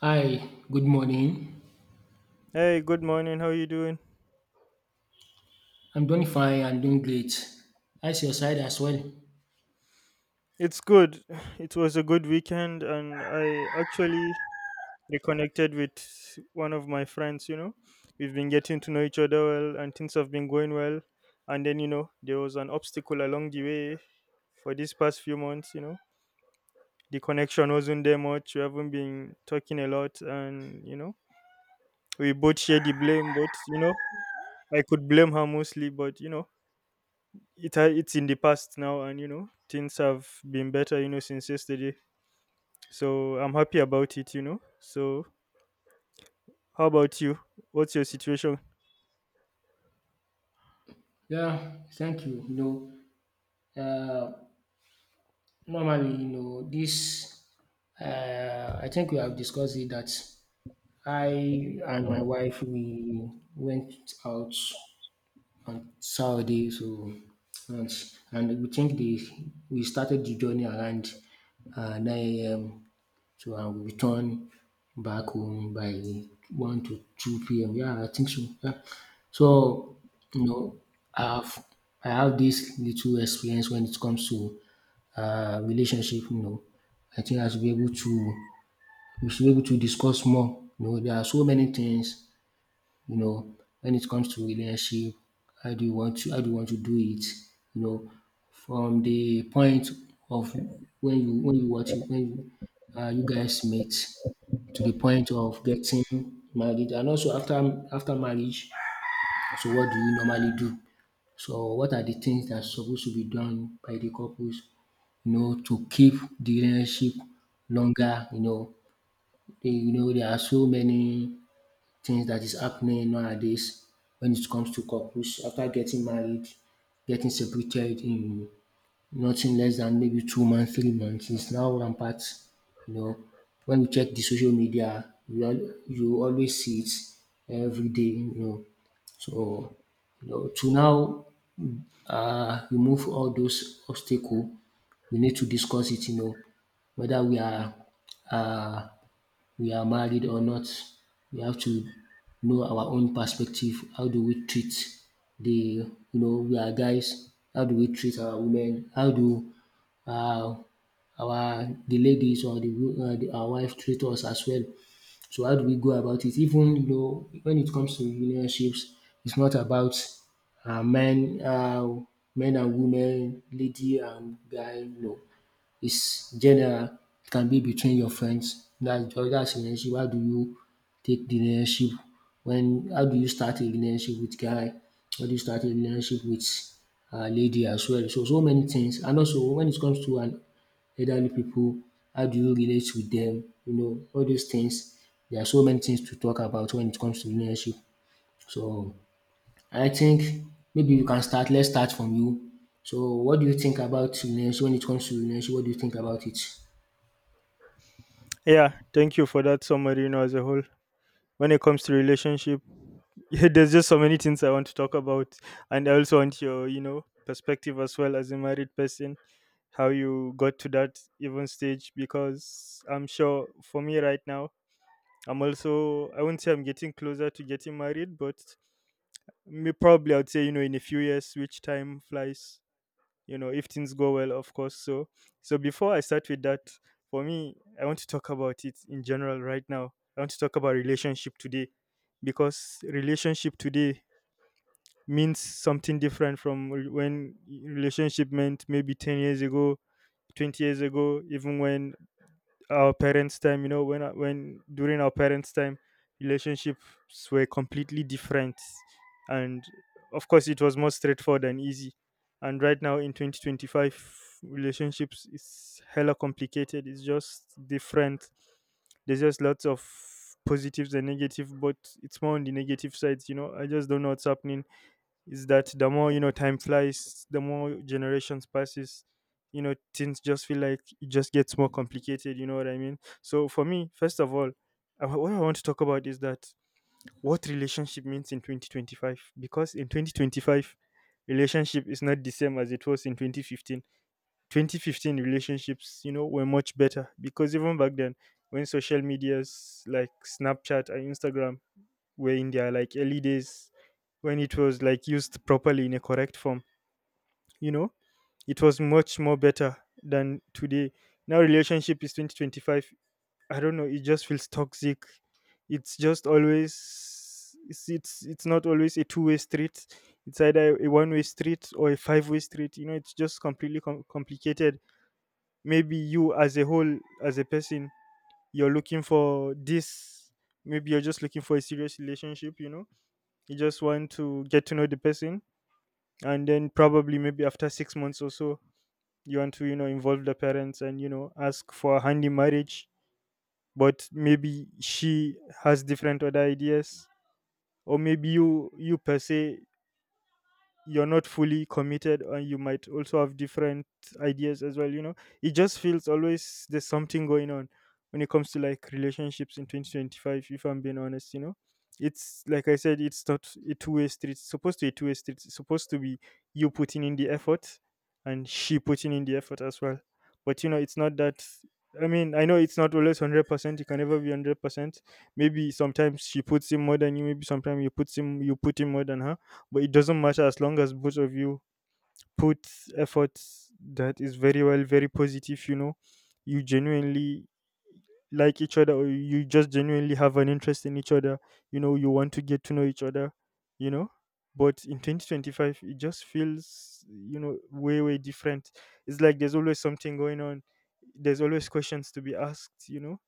Hi, good morning. Hey, good morning. How you doing? I'm doing fine and doing great. How's your side as well? It's good. It was a good weekend, and I actually reconnected with one of my friends. You know, we've been getting to know each other well, and things have been going well. And then, you know, there was an obstacle along the way for these past few months. You know, the connection wasn't there much. We haven't been talking a lot, and you know, we both share the blame. But you know, I could blame her mostly, but you know, it's in the past now, and you know, things have been better. You know, since yesterday. So I'm happy about it, you know. So how about you? What's your situation? Yeah, thank you. Uh, normally, I think we have discussed it that I and my wife, we went out and Saudi. So, and, and we think the we started the journey around 9 a.m. So I will return back home by 1 to 2 p.m. Yeah, I think so. Yeah. So, you know, I've, I have this little experience when it comes to relationship, you know. I think I should be able to, we should be able to discuss more. You know, there are so many things you know, when it comes to relationship, how do you want to do it? You know, from the point of when you watch it, you guys met to the point of getting married and also after marriage. So what do you normally do? So what are the things that supposed to be done by the couples, you know, to keep the relationship longer? You know, there are so many things that is happening nowadays when it comes to couples after getting married, getting separated in nothing less than maybe 2 months, 3 months is now rampant. You know, when you check the social media, you always see it every day. You know, so you know to now remove all those obstacle, we need to discuss it. You know, whether uh, we are married or not. We have to know our own perspective. How do we treat the, you know, we are guys. How do we treat our women? How do uh, our the ladies or the our wife treat us as well? So how do we go about it? Even you know, when it comes to relationships, it's not about uh, men, uh, men and women, lady and guy. No, it's general, it can be between your friends, that's relationship. How do you take the relationship when how do you start a relationship with guy, how do you start a relationship with lady as well. So so many things and also when it comes to an elderly people, how do you relate with them? You know all those things. There are so many things to talk about when it comes to relationship. So I think maybe we can start. Let's start from you. So, what do you think about relationship? When it comes to relationship, what do you think about it? Yeah, thank you for that summary, you know, as a whole. When it comes to relationship, yeah, there's just so many things I want to talk about. And I also want your, you know, perspective as well as a married person, how you got to that even stage, because I'm sure for me right now, I'm also, I wouldn't say I'm getting closer to getting married, but me probably, I'd say, you know, in a few years, which time flies, you know, if things go well, of course. So so before I start with that, for me, I want to talk about it in general. Right now I want to talk about relationship today, because relationship today means something different from relationship meant maybe 10 years ago, 20 years ago, even when our parents' time, you know, when during our parents' time, relationships were completely different, and of course, it was more straightforward and easy. And right now in 2025, relationships is hella complicated. It's just different. There's just lots of positives and negative, but it's more on the negative sides. You know, I just don't know what's happening. Is that the more, you know, time flies, the more generations passes, you know, things just feel like it just gets more complicated, you know what I mean? So for me, first of all, what I want to talk about is that what relationship means in 2025, because in 2025 relationship is not the same as it was in 2015. 2015 relationships, you know, were much better, because even back then, when social medias like Snapchat and Instagram were in their like early days, when it was like used properly in a correct form, you know, it was much more better than today. Now relationship is 2025, I don't know, it just feels toxic. It's just always, it's it's not always a two-way street, it's either a one-way street or a five-way street, you know, it's just completely complicated. Maybe you as a whole, as a person, you're looking for this. Maybe you're just looking for a serious relationship, you know, you just want to get to know the person, and then probably maybe after 6 months or so you want to, you know, involve the parents and, you know, ask for a hand in marriage. But maybe she has different other ideas, or maybe you per se, you're not fully committed and you might also have different ideas as well, you know. It just feels always there's something going on when it comes to like relationships in 2025, if I'm being honest, you know. It's like I said, it's not a two-way street. It's supposed to be a two-way street. It's supposed to be you putting in the effort and she putting in the effort as well. But you know, it's not that. I mean, I know it's not always 100%, it can never be 100%. Maybe sometimes she puts in more than you, maybe sometimes you put in more than her. But it doesn't matter, as long as both of you put effort, that is very well, very positive. You know, you genuinely like each other, or you just genuinely have an interest in each other, you know, you want to get to know each other, you know. But in 2025 it just feels, you know, way way different. It's like there's always something going on, there's always questions to be asked, you know,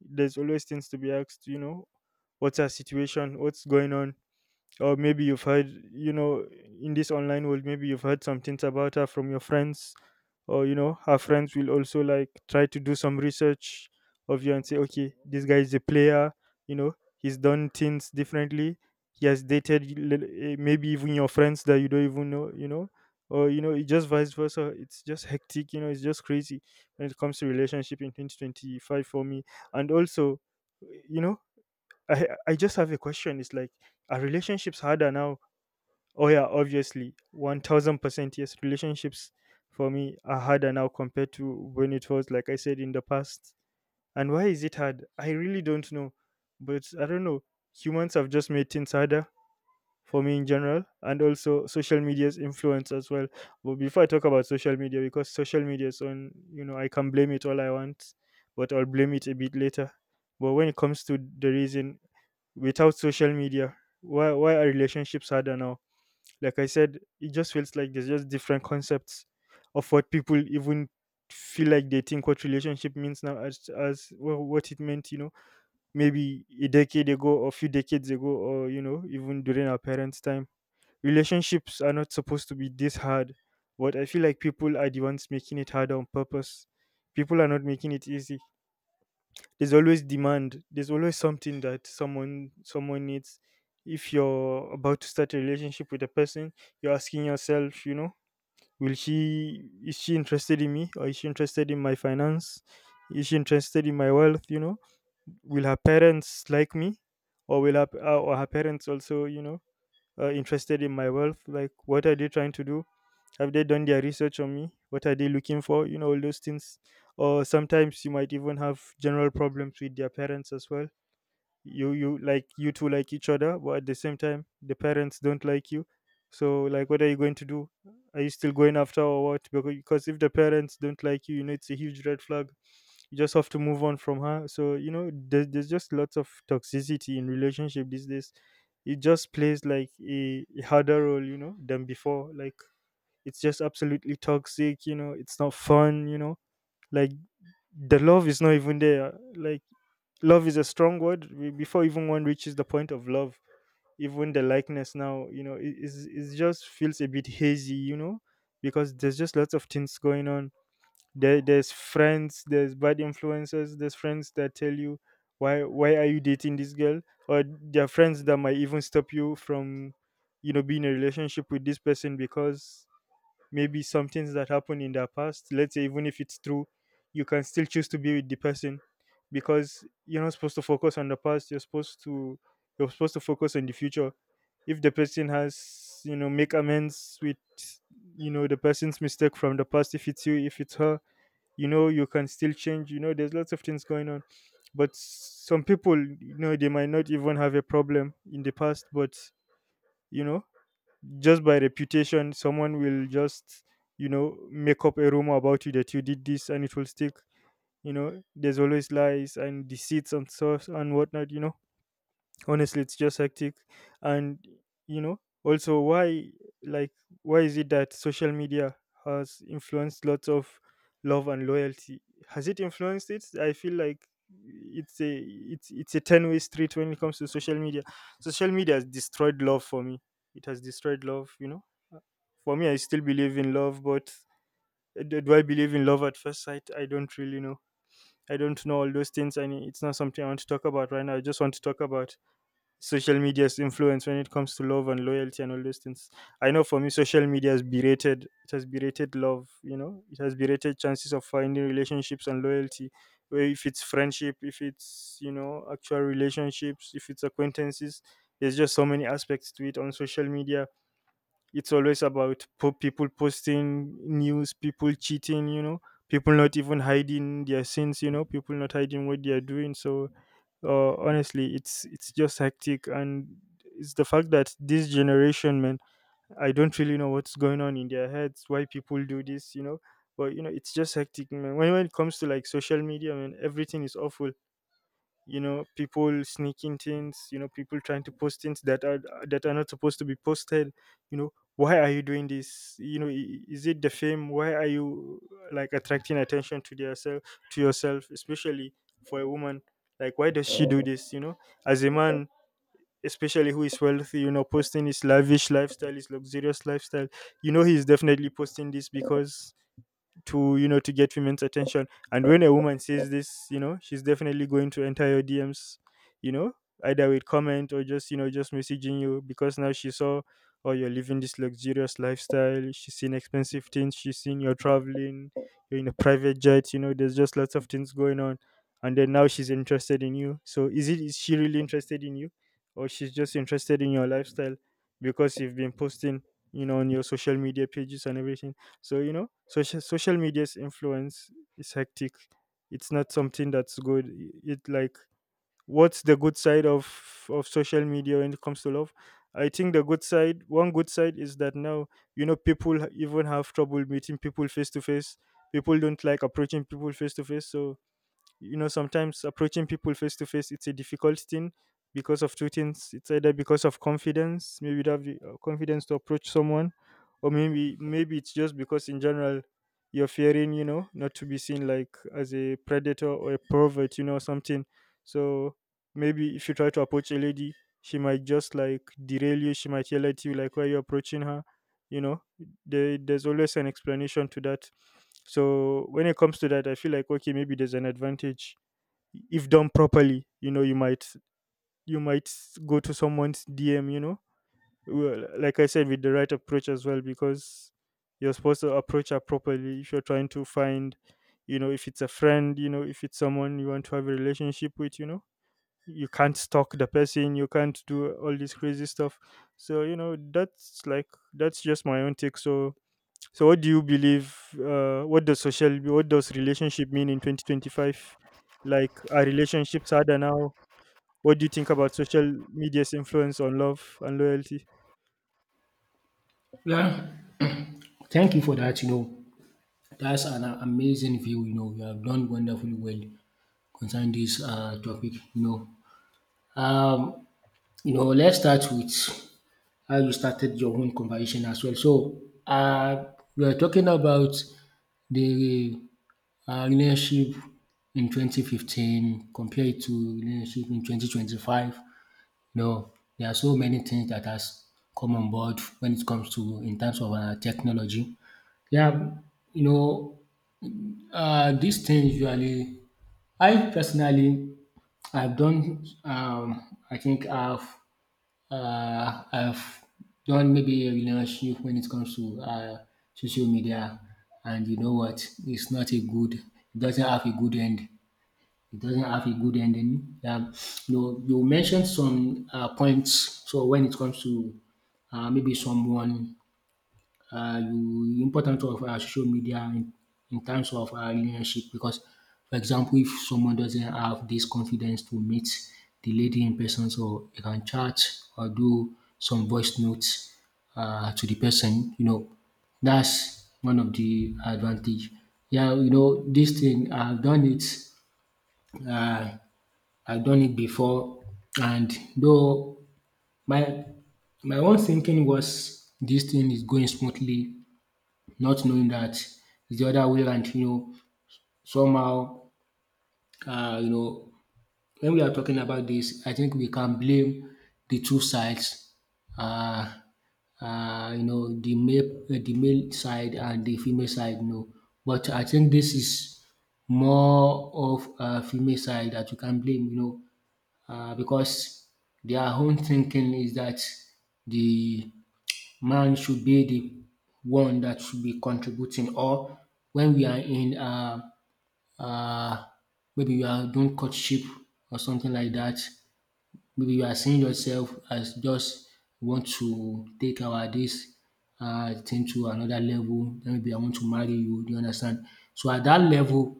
there's always things to be asked, you know. What's our situation, what's going on? Or maybe you've heard, you know, in this online world, maybe you've heard some things about her from your friends, or, you know, her friends will also like try to do some research of you and say, okay, this guy is a player, you know, he's done things differently, he has dated maybe even your friends that you don't even know, you know. Or you know, it just vice versa, it's just hectic, you know, it's just crazy when it comes to relationship in 2025 for me. And also, you know, I just have a question. It's like, are relationships harder now? Oh yeah, obviously, 1,000% yes. Relationships for me are harder now compared to when it was, like I said, in the past. And why is it hard? I really don't know, but I don't know. Humans have just made things harder for me in general, and also social media's influence as well. But before I talk about social media, because social media is on, you know, I can blame it all I want, but I'll blame it a bit later. But when it comes to the reason, without social media, why are relationships harder now? Like I said, it just feels like there's just different concepts of what people even feel like, they think what relationship means now as what it meant, you know, maybe a decade ago or a few decades ago, or you know, even during our parents time. Relationships are not supposed to be this hard, but I feel like people are the ones making it harder on purpose. People are not making it easy. There's always demand. There's always something that someone needs. If you're about to start a relationship with a person, you're asking yourself, you know, will she is she interested in me, or is she interested in my finance? Is she interested in my wealth, you know? Will her parents like me, or will her parents also, you know, interested in my wealth? Like, what are they trying to do? Have they done their research on me? What are they looking for? You know, all those things. Or sometimes you might even have general problems with their parents as well. You like, you two like each other, but at the same time the parents don't like you. So like, what are you going to do? Are you still going after, or what? Because if the parents don't like you know it's a huge red flag. You just have to move on from her. So you know, there's just lots of toxicity in relationship these days. It just plays like a harder role, you know, than before. Like, it's just absolutely toxic, you know, it's not fun, you know. Like, the love is not even there. Like, love is a strong word. Before even one reaches the point of love, even the likeness now, you know, it just feels a bit hazy, you know, because there's just lots of things going on. There, there's friends, there's bad influences, there's friends that tell you, why are you dating this girl? Or there are friends that might even stop you from, you know, being in a relationship with this person, because maybe some things that happened in the past, let's say, even if it's true, you can still choose to be with the person, because you're not supposed to focus on the past. You're supposed to, focus on the future. If the person has, you know, make amends with, you know, the person's mistake from the past, if it's you, if it's her, you know, you can still change. You know, there's lots of things going on. But some people, you know, they might not even have a problem in the past, but you know, just by reputation, someone will just, you know, make up a rumor about you that you did this, and it will stick. You know, there's always lies and deceits and stuff and whatnot, you know. Honestly, it's just hectic. And you know, also, why, like, why is it that social media has influenced lots of love and loyalty? Has it influenced it? I feel like it's a 10-way street when it comes to social media. Social media has destroyed love for me. It has destroyed love, you know. For me, I still believe in love, but do I believe in love at first sight? I don't really know. I don't know all those things, and it's not something I want to talk about right now. I just want to talk about social media's influence when it comes to love and loyalty and all those things. I know for me, social media has berated. It has berated love. You know, it has berated chances of finding relationships and loyalty. Where if it's friendship, if it's you know actual relationships, if it's acquaintances, there's just so many aspects to it on social media. It's always about people posting news, people cheating, you know, people not even hiding their sins, you know, people not hiding what they are doing. So honestly, it's just hectic, and it's the fact that this generation, man, I don't really know what's going on in their heads, why people do this, you know. But you know, it's just hectic, man. When it comes to like social media, man, everything is awful. You know, people sneaking things, you know, people trying to post things that are not supposed to be posted. You know, why are you doing this? You know, is it the fame? Why are you like attracting attention to yourself? To yourself especially, for a woman, like why does she do this, you know? As a man, especially who is wealthy, you know, posting his lavish lifestyle, his luxurious lifestyle, you know, he's definitely posting this because to, you know, to get women's attention. And when a woman says this, you know, she's definitely going to enter your DMs, you know, either with comment or just, you know, just messaging you because now she saw, oh, you're living this luxurious lifestyle. She's seen expensive things, she's seen you're traveling, you're in a private jet. You know, there's just lots of things going on, and then now she's interested in you. So is it, is she really interested in you, or she's just interested in your lifestyle because you've been posting, you know, on your social media pages and everything? So, you know, social media's influence is hectic. It's not something that's good. It, like, what's the good side of social media when it comes to love? I think the good side, one good side is that now, you know, people even have trouble meeting people face to face. People don't like approaching people face to face, so you know sometimes approaching people face to face, it's a difficult thing because of two things. It's either because of confidence, maybe you don't have the confidence to approach someone, or maybe it's just because in general you're fearing, you know, not to be seen like as a predator or a pervert, you know, something. So maybe if you try to approach a lady, she might just like derail you, she might yell at you like why you are approaching her, you know. There's always an explanation to that. So when it comes to that, I feel like okay, maybe there's an advantage. If done properly, you know, you might go to someone's DM, you know, well, like I said, with the right approach as well, because you're supposed to approach her properly if you're trying to find, you know, if it's a friend, you know, if it's someone you want to have a relationship with, you know, you can't stalk the person, you can't do all this crazy stuff. So you know that's like that's just my own take. So so what do you believe, what does social, what does relationship mean in 2025? Like, are relationships harder now? What do you think about social media's influence on love and loyalty? Yeah, thank you for that. You know, that's an amazing view. You know, you have done wonderfully well concerning this topic. Um, you know, let's start with how you started your own conversation as well. So, we are talking about the relationship in 2015 compared to relationship in 2025. No, there are so many things that has come on board when it comes to in terms of technology. Yeah, you know, these things usually, I personally, I've done, I think I've done maybe a relationship when it comes to social media, and you know what, it's not a good, it doesn't have a good end. It doesn't have a good ending. You know, you mentioned some points. So when it comes to uh, maybe someone, you importance of social media in terms of relationship because, for example, if someone doesn't have this confidence to meet the lady in person, so you can chat or do some voice notes to the person. You know, that's one of the advantage. Yeah, you know, this thing I've done it I I've done it before and though my my own thinking was this thing is going smoothly, not knowing that it's the other way around, you know, somehow you know, when we are talking about this, I think we can blame the two sides. Uh, you know, the male side and the female side, you know. But I think this is more of a female side that you can blame, you know, because their own thinking is that the man should be the one that should be contributing or when we are in uh, maybe we are doing courtship or something like that, maybe you are seeing yourself as just want to take our this thing to another level, then maybe I want to marry you, do you understand? So at that level,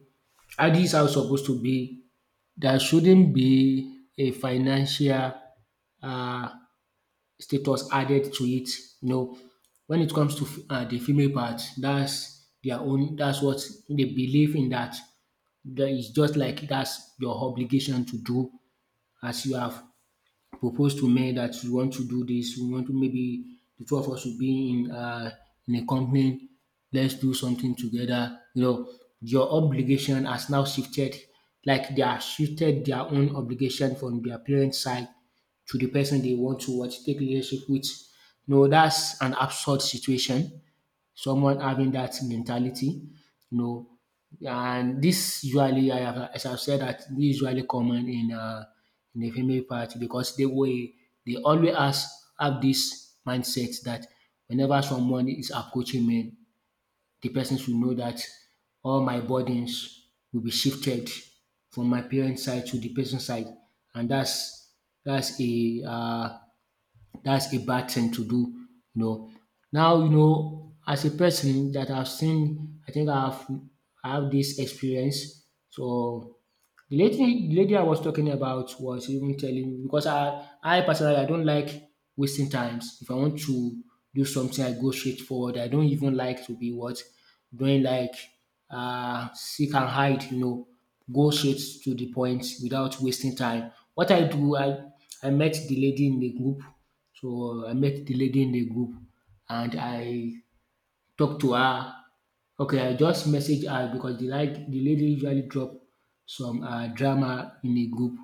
at this house supposed to be, there shouldn't be a financial uh, status added to it. You know, when it comes to the female part, that's their own. That's what they believe in. That is just like that's your obligation to do as you have propose to men that we want to do this, we want to maybe the two of us will be in a company, let's do something together. You know, your obligation has now shifted, like they have shifted their own obligation from their parents' side to the person they want to what take leadership with. No, that's an absurd situation, someone having that mentality, you know. And this usually, I have, as I've said, that this usually common in the female part because they will they always have this mindset that whenever someone is approaching me, the person should know that all my burdens will be shifted from my parents' side to the person's side, and that's a uh, that's a bad thing to do, you know. Now, you know, as a person that I've seen, I think I've I have this experience. So the lady I was talking about was even telling me because I personally I don't like wasting times. If I want to do something, I go straight forward. I don't even like to be what doing like seek and hide, you know, go straight to the point without wasting time. What I do, I met the lady in the group. So I met the lady in the group and I talk to her. Okay, I just message her because the like the lady usually drop some drama in the group.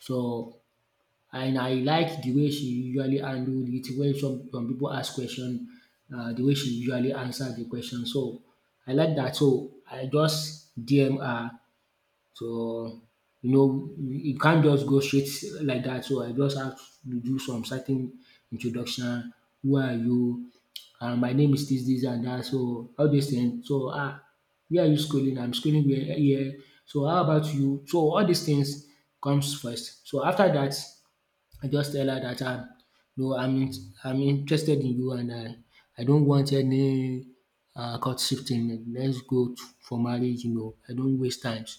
So and I like the way she usually handle it when some people ask question, the way she usually answer the question. So I like that. So I just DM her. So, you know, you can't just go straight like that. So I just have to do some certain introduction. Who are you? My name is this, this, and that. So all these things. So ah, where are you schooling? I'm schooling here. So how about you? So all these things comes first. So after that, I just tell her dat no I'm in I'm interested in you and I don't want any courtship thing. Let's go to for marriage you know. I don't waste times.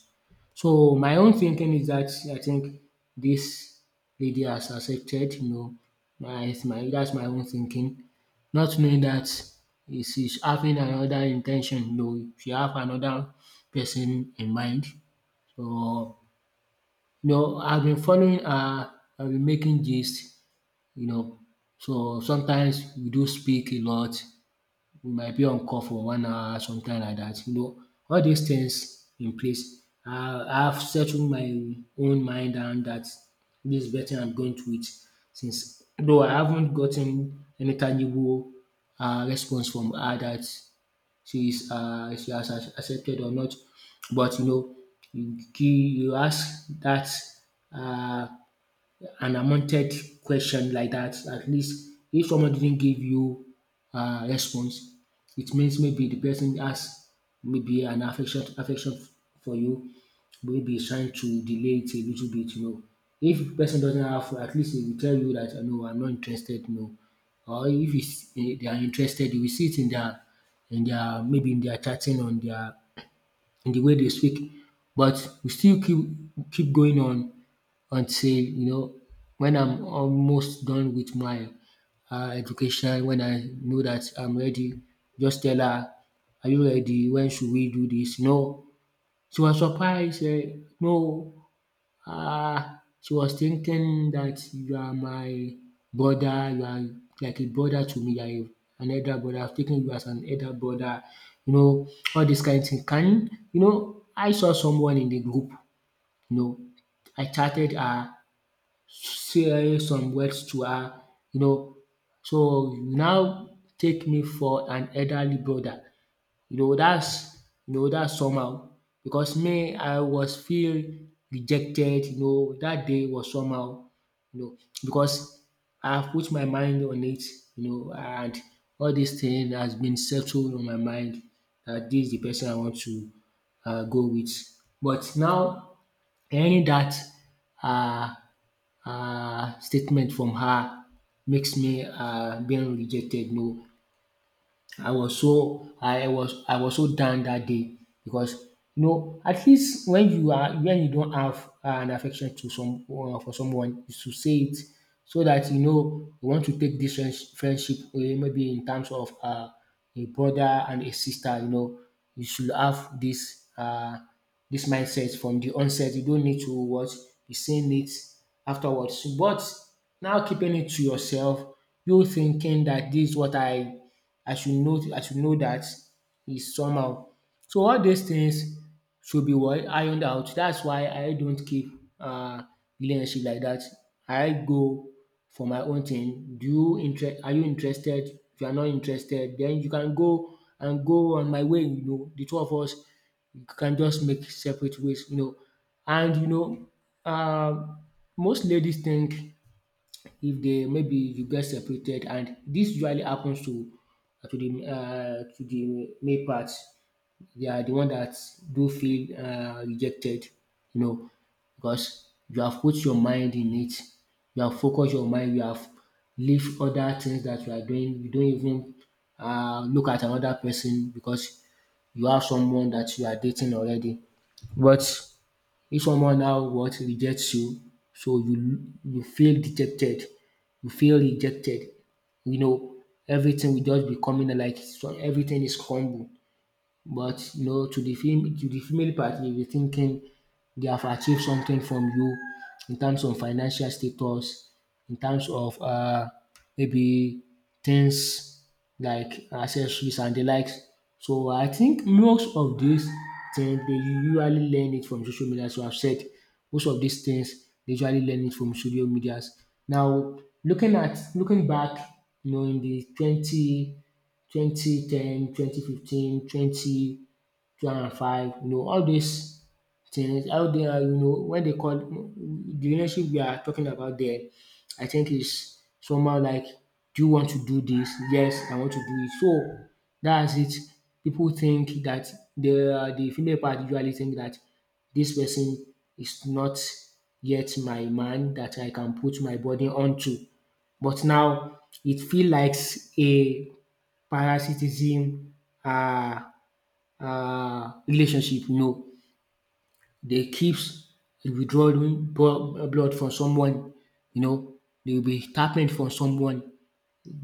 So my own thinking is that I think this lady has accepted you know my that's my own thinking. Not knowing that she's having another intention, ten you know. She have another person in mind. So you know I've been following her, I've been making gist you know. So sometimes we do speak a lot. We might be on call for 1 hour, something like that. You know, all these things in place. I've settled my own mind and that this is better I'm going to it since though I haven't gotten any tangible response from her that she has accepted or not. But you know, you ask that uh, an unwanted question like that, at least if someone didn't give you a response, it means maybe the person has maybe an affection for you, maybe he's trying to delay it a little bit, you know. If the person doesn't have, at least he will tell you that, no, I'm not interested, no. Or if it's, eh, they are interested, you will see it in their, maybe in their chatting, in the way they speak. But we still keep going on until you know when I'm almost done with my education, when I know that I'm ready, just tell her, "Are you ready? When should we do this?" No, she was surprised. Eh, no, she was thinking that you are my brother. You are like a brother to me. You are an elder brother. I've taken you as an elder brother. You know all this kind of thing. Can you know? I saw someone in the group. You know, I chatted her say some words to her, you know, "So you now take me for an elderly brother." That's— dat's somehow because me I was feel rejected, that day was somehow, you know, because I have put my mind on it, and all dis thing has been settled on my mind that this is de person I want to go with. But now, hearing that um statement from her makes me being rejected. No, I was so down that day because you know at least when you don't have an affection to some for someone you should say it so that you know you want to take this friendship, maybe in terms of a brother and a sister. You know, you should have this this mindset from the onset. You don't need to what— be saying it afterwards. But now, keeping it to yourself, you thinking that this is what I should know. I should know that is somehow. So all these things should be what ironed out. That's why I don't keep uh relationship like that. I go for my own thing. Do you interest Are you interested? If you are not interested, then you can go and go on my way, you know. The two of us can just make separate ways, you know. And you know, um most ladies think if they— maybe you get separated, and this usually happens to to the male part. They are the one that do feel rejected, you know, because you have put your mind in it, you have focused your mind, you have leave other things that you are doing, you don't even look at another person because you have someone that you are dating already. But if someone now what rejects you, so you feel dejected, you feel rejected, you know everything will just be coming like so everything is crumble. But you know, to the female party, you'll be thinking they have achieved something from you in terms of financial status, in terms of maybe things like accessories and the likes. So I think most of these things they usually learn it from social media. So I've said most of these things they usually learn it from social medias. Now, looking back, you know, in the twenty twenty ten twenty fifteen twenty two hundred and five, you know, all these things, how they are, you know, when they call the relationship we are talking about there, I think is somehow like, do you want to do this? Yes, I want to do it. So that's it. People think that the female part usually think that this person is not yet my man that I can put my body onto. But now it feels like a parasitism, uh, relationship. You know, they keeps withdrawing blood from someone. You know, they will be tapping from someone,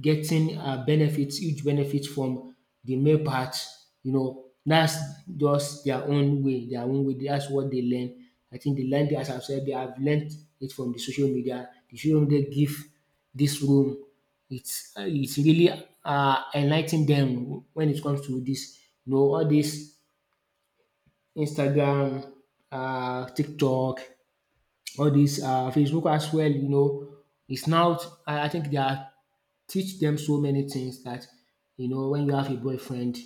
getting benefits, huge benefits from the male part. You know, that's just their own way. Their own way. That's what they learn. I think they learned, as I've said, they have learned it from the social media. The social media give this room. It's it's really enlightening them when it comes to this, you know, all this Instagram, TikTok, all these Facebook as well. You know, it's now. I think they are teach them so many things that you know when you have a boyfriend,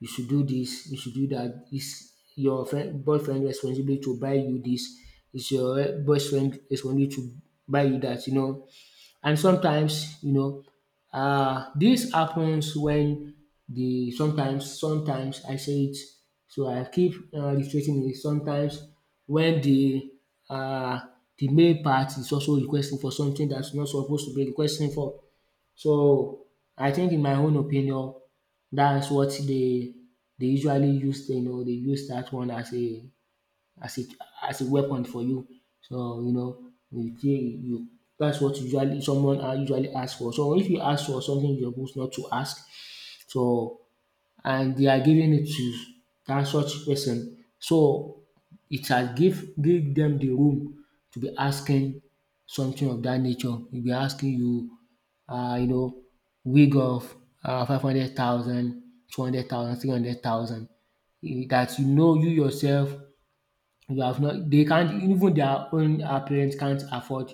you should do this, you should do that. It's your boyfriend responsibility to buy you this. It's your boyfriend responsibility to buy you that. You know, and sometimes, you know, dis happens when the sometimes I say it, so I keep reiterating it sometimes when um the male part is also requesting for something that's not supposed to be requesting for. So I think in my own opinion that's what they usually use, you know, they use that one as a— as a as a weapon for you. So you know you feel you— that's what usually someone are usually ask for. So if you ask for something you're supposed not to ask, so and they are giving it to that such person, so it has give them the room to be asking something of that nature. They'll be asking you you know wig of 500,000, 200,000, 300,000, that you know you yourself you have not— they can't even their own parents can't afford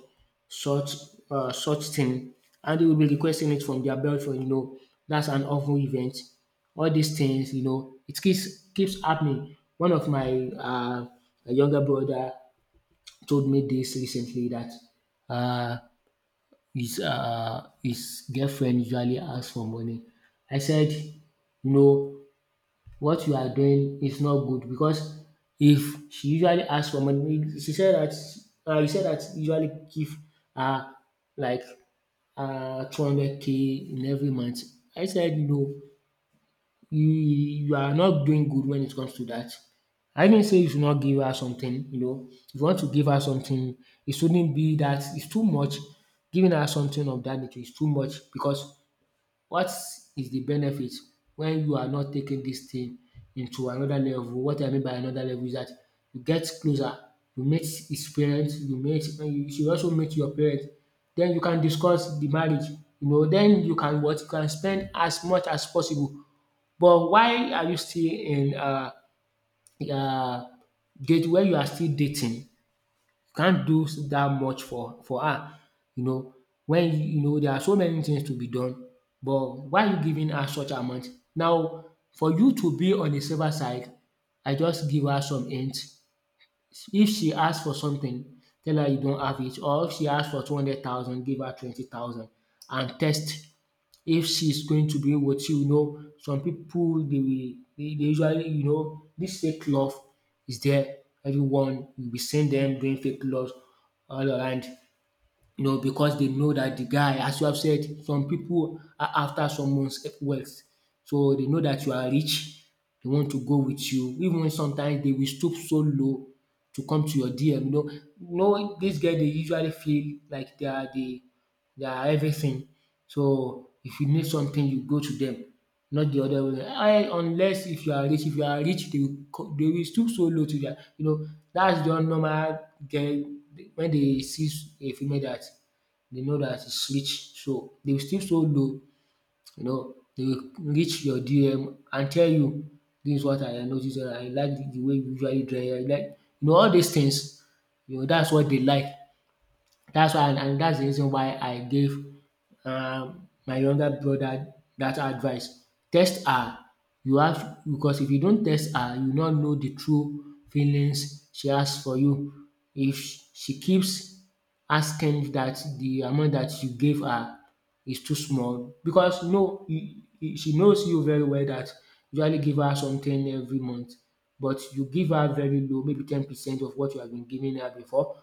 such— such thing, and they will be requesting it from their boyfriend, you know. That's an awful event. All these things, you know, it keeps happening. One of my younger brother told me this recently that uh, his girlfriend usually asks for money. I said, you know, what you are doing is not good because if she usually asks for money, she said that he said that he usually give her like 200k in every month. I said, no, you, you are not doing good when it comes to that. I didn't say you should not give her something, you know. If you want to give her something, it shouldn't be that it's too much. Giving her something of that nature is too much because what is the benefit when you are not taking this thing into another level? What I mean by another level is that you get closer, you meet his parents, you meet, and you should also meet your parents. Then you can discuss the marriage, you know then you can what? You can spend as much as possible. But why are you still in uh date when you are still dating? Can't do that much for her, you know, when you— you know there are so many things to be done, but why you giving her such amount? Now, for you to be on the safer side, I just give her some hints. If she asks for something, tell her you don't have it, or if she asks for 200,000, give her 20,000 and test if she's going to be with you, you know. Some people, they usually, you know, this fake love is there. Everyone will be seeing them doing fake love all around, you know, because they know that the guy, as you have said, some people are after someone's wealth. So they know that you are rich, they want to go with you. Even sometimes they will stoop so low to come to your DM. You know this guy they usually feel like they are the— they are everything. So if you need something, you go to them, not the other way. I Unless if you are rich, if you are rich, they will co they will stoop so low to that. You know, that's the normal girl. When they see a female that— they know that is rich, so they will stoop so low, you know, they will reach your DM and tell you, "This is what I notice, and I like the way you usually dress." I like, you know, all these things, you know, that's what they like. That's why, and that's the reason why I gave my younger brother that advice. Test her. You have— because if you don't test her, you not know the true feelings she has for you. If she keeps asking that the amount that you gave her is too small, because no, she knows you very well that you usually give her something every month, but you give her very low, maybe 10% of what you have been giving her before.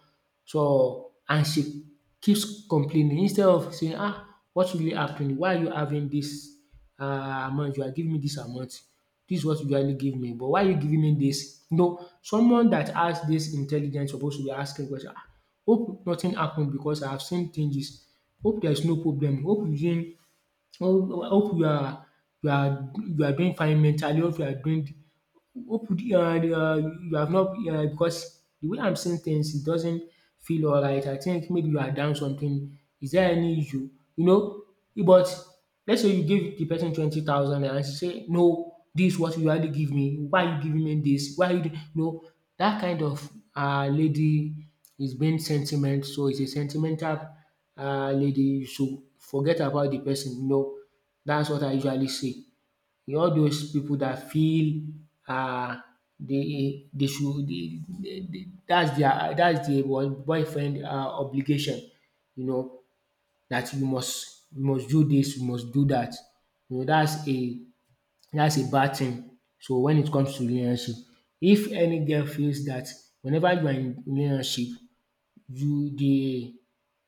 So, and she keeps complaining instead of saying, "Ah, what really happened? Why are you having this uh, amount? You are giving me this amount. This is what you usually give me, but why are you giving me this?" No, someone that has this intelligence supposed to be asking question, "Ah, hope nothing happened because I have seen changes. Hope there is no problem. Hope you didn't— Ho hope you are— you are doing fine mentally, hope you are doing— hope you are— you have not because the way I'm seeing things it doesn't feel alright. I think maybe you are down something. Is there any issue? You know." But let's say you give the person 20,000 and she say, "No, dis what you already give me, why are you giving me this? Why you do—" You know, that kind of lady is being sentiment, so it's a sentimental lady. You should forget about the person. You know, that's what I usually say. You know, all those people that feel uh, they should— that's the one boyfriend obligation. You know that you must do this, you must do that. You know that's a bad thing. So when it comes to relationship, if any girl feels that whenever you are in relationship, you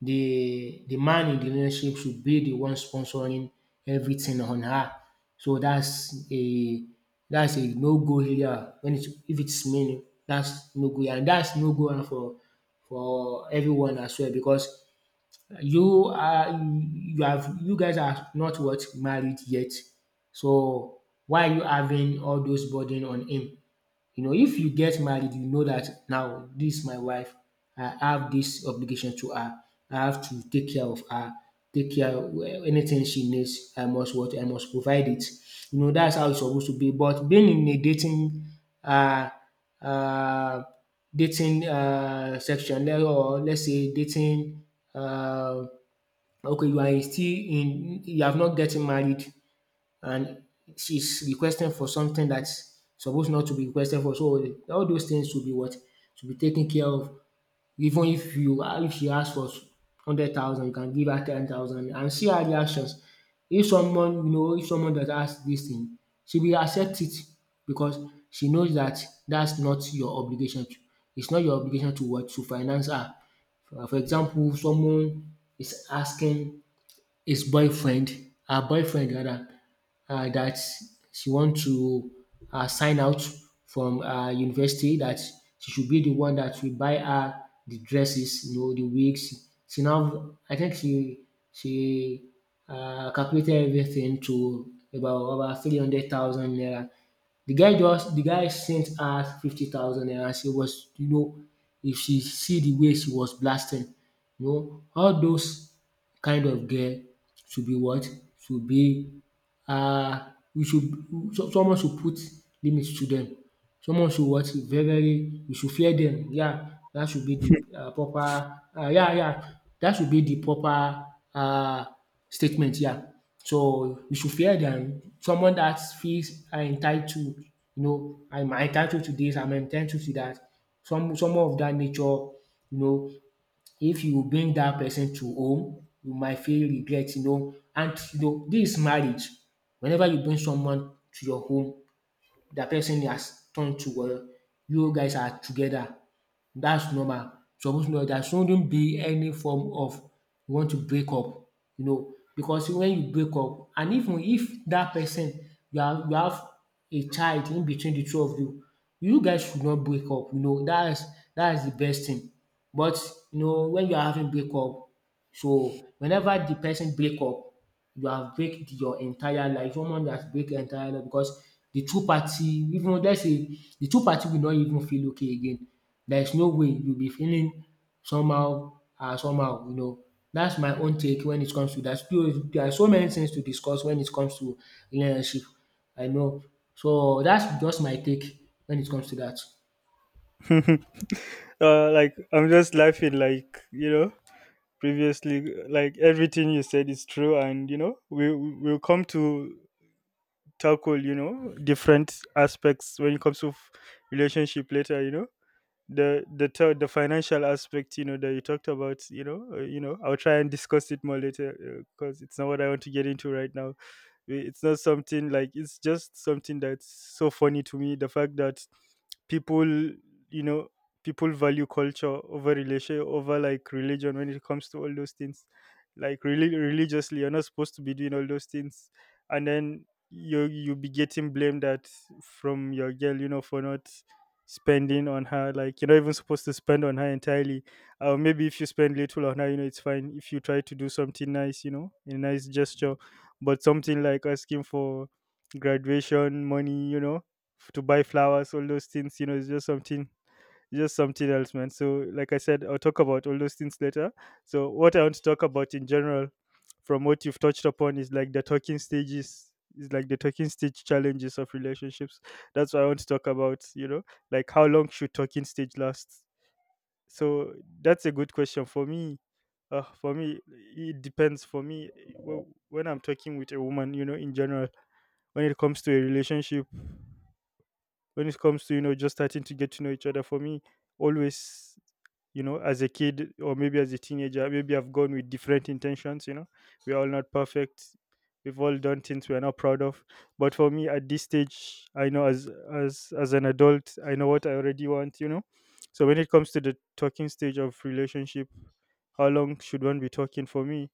the man in the relationship should be the one sponsoring everything on her. So that's a no go area. When it if it's me, that's no go, and that's no go for everyone as well, because you guys are not what married yet. So why are you having all those burden on him? You know, if you get married, you know that now this is my wife. I have this obligation to her. I have to take care of her, take care of anything she needs. I must what I must provide it. You know, that's how it's supposed to be. But being in a uh uh dating section, or let's say, dating, uh okay, you are still in you have not getting married, and she's requesting for something that's supposed not to be requested for. So all those things should be what? Should be taken care of. Even if you if she asks for 100,000, you can give her 10,000 and see her reactions. If someone you know if someone that asks this thing, she will accept it because she knows that that's not your obligation. It's not your obligation to what? To finance her. For example, someone is asking his boyfriend, her boyfriend rather, that she want to sign out from university, that she should be the one that will buy her the dresses, the wigs. She now, I think she she calculated everything to about 300,000 naira. The guy sent her 50,000 naira. She was, you know, if she see the way she was blasting, you know, all those kind of girl should be what? Should be. um we should Someone should put limit to dem. Someone should what? Very very We should fear dem. Yeah, dat should be de proper, yeah, yeah, dat should be de proper, um statement, yeah. So we should fear dem. Someone dat feels are entitled, you know, am entitled to dis, am entitled to dat. Someone of dat nature, you know, if you bring that person to home, you might feel regret, you know, and you know this is marriage. Whenever you bring someone to your home, that person has turned to, well, you guys are together. That's normal. Suppose know, there shouldn't be any form of, you want to break up, you know, because when you break up, and even if that person you have a child in between the two of you, you guys should not break up. You know, that is the best thing. But you know, when you are having break up, so whenever the person break up, you have break your entire life. Someone that has break entire life, because the two party even let's say the two party will not even feel okay again. There is no way you'll be feeling somehow and somehow, you know. That's my own take when it comes to that. Still, there are so many things to discuss when it comes to relationship. I know. So that's just my take when it comes to that. Like, I'm just laughing. Like, you know, previously, like everything you said is true, and you know, we'll come to tackle, you know, different aspects when it comes to relationship later. You know. The financial aspect, you know, that you talked about, you know, you know, I'll try and discuss it more later because it's not what I want to get into right now. It's not something like, it's just something that's so funny to me. The fact that people, you know, people value culture over relation, over like religion, when it comes to all those things. Like really religiously, you're not supposed to be doing all those things, and then you be getting blamed at from your girl, you know, for not spending on her. Like, you're not even supposed to spend on her entirely, or maybe if you spend little on her, you know, it's fine. If you try to do something nice, you know, a nice gesture. But something like asking for graduation money, you know, to buy flowers, all those things, you know, it's just something else, man. So, like I said, I'll talk about all those things later. So, what I want to talk about in general, from what you've touched upon, is like the talking stages, is like the talking stage challenges of relationships. That's what I want to talk about, you know, like how long should talking stage last? So that's a good question for me. For me, it depends. For me, wh- when I'm talking with a woman, you know, in general, when it comes to a relationship, when it comes to you know just starting to get to know each other, for me, always, you know, as a kid or maybe as a teenager, maybe I've gone with different intentions. You know, we're all not perfect, we've all done things we're not proud of. But for me at this stage, I know, as as an adult, I know what I already want, you know. So when it comes to the talking stage of relationship, how long should one be talking? For me,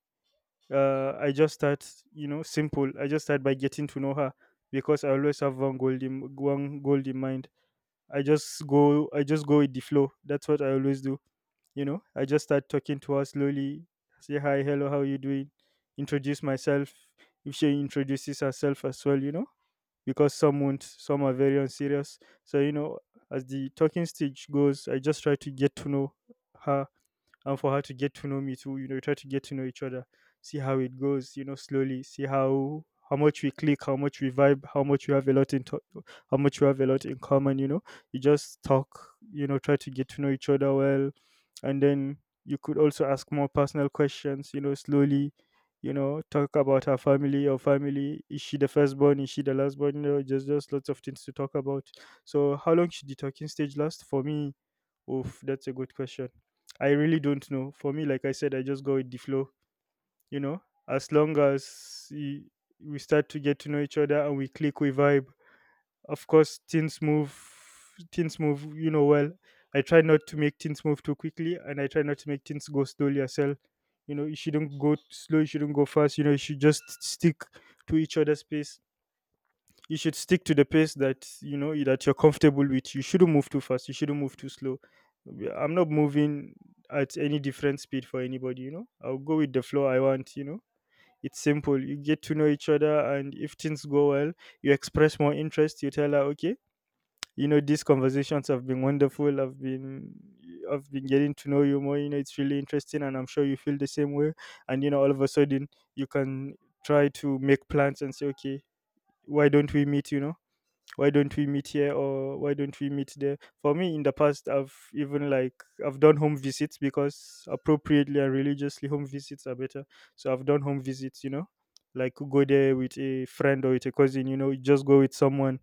I just start, you know, simple. I just start by getting to know her, because I always have one goal in mind. I just go with the flow. That's what I always do. You know, I just start talking to her slowly. Say hi, hello, how you doing? Introduce myself. If she introduces herself as well, you know, because some won't, some are very unserious, so you know, as the talking stage goes, I just try to get to know her, and for her to get to know me too. You know, we try to get to know each other, see how it goes. You know, slowly see how much we click, how much we vibe, how much we have a lot how much we have a lot in common. You know, you just talk. You know, try to get to know each other well, and then you could also ask more personal questions. You know, slowly. You know, talk about her family or family. Is she the firstborn? Is she the lastborn? You know, just lots of things to talk about. So, how long should the talking stage last? For me, oof, that's a good question. I really don't know. For me, like I said, I just go with the flow. You know, as long as we start to get to know each other and we click, we vibe. Of course, things move. Things move. You know well. I try not to make things move too quickly, and I try not to make things go slowly as well. You know, you shouldn't go slow. You shouldn't go fast. You know, you should just stick to each other's pace. You should stick to the pace that you know that you're comfortable with. You shouldn't move too fast, you shouldn't move too slow. I'm not moving at any different speed for anybody. You know, I'll go with the flow. I want, you know, it's simple. You get to know each other, and if things go well, you express more interest. You tell her, okay, you know, these conversations have been wonderful. I've been getting to know you more. You know, it's really interesting, and I'm sure you feel the same way. And, you know, all of a sudden, you can try to make plans and say, okay, why don't we meet? You know, why don't we meet here, or why don't we meet there? For me, in the past, I've even like, I've done home visits, because appropriately and religiously, home visits are better. So I've done home visits. You know, like go there with a friend or with a cousin. You know, just go with someone,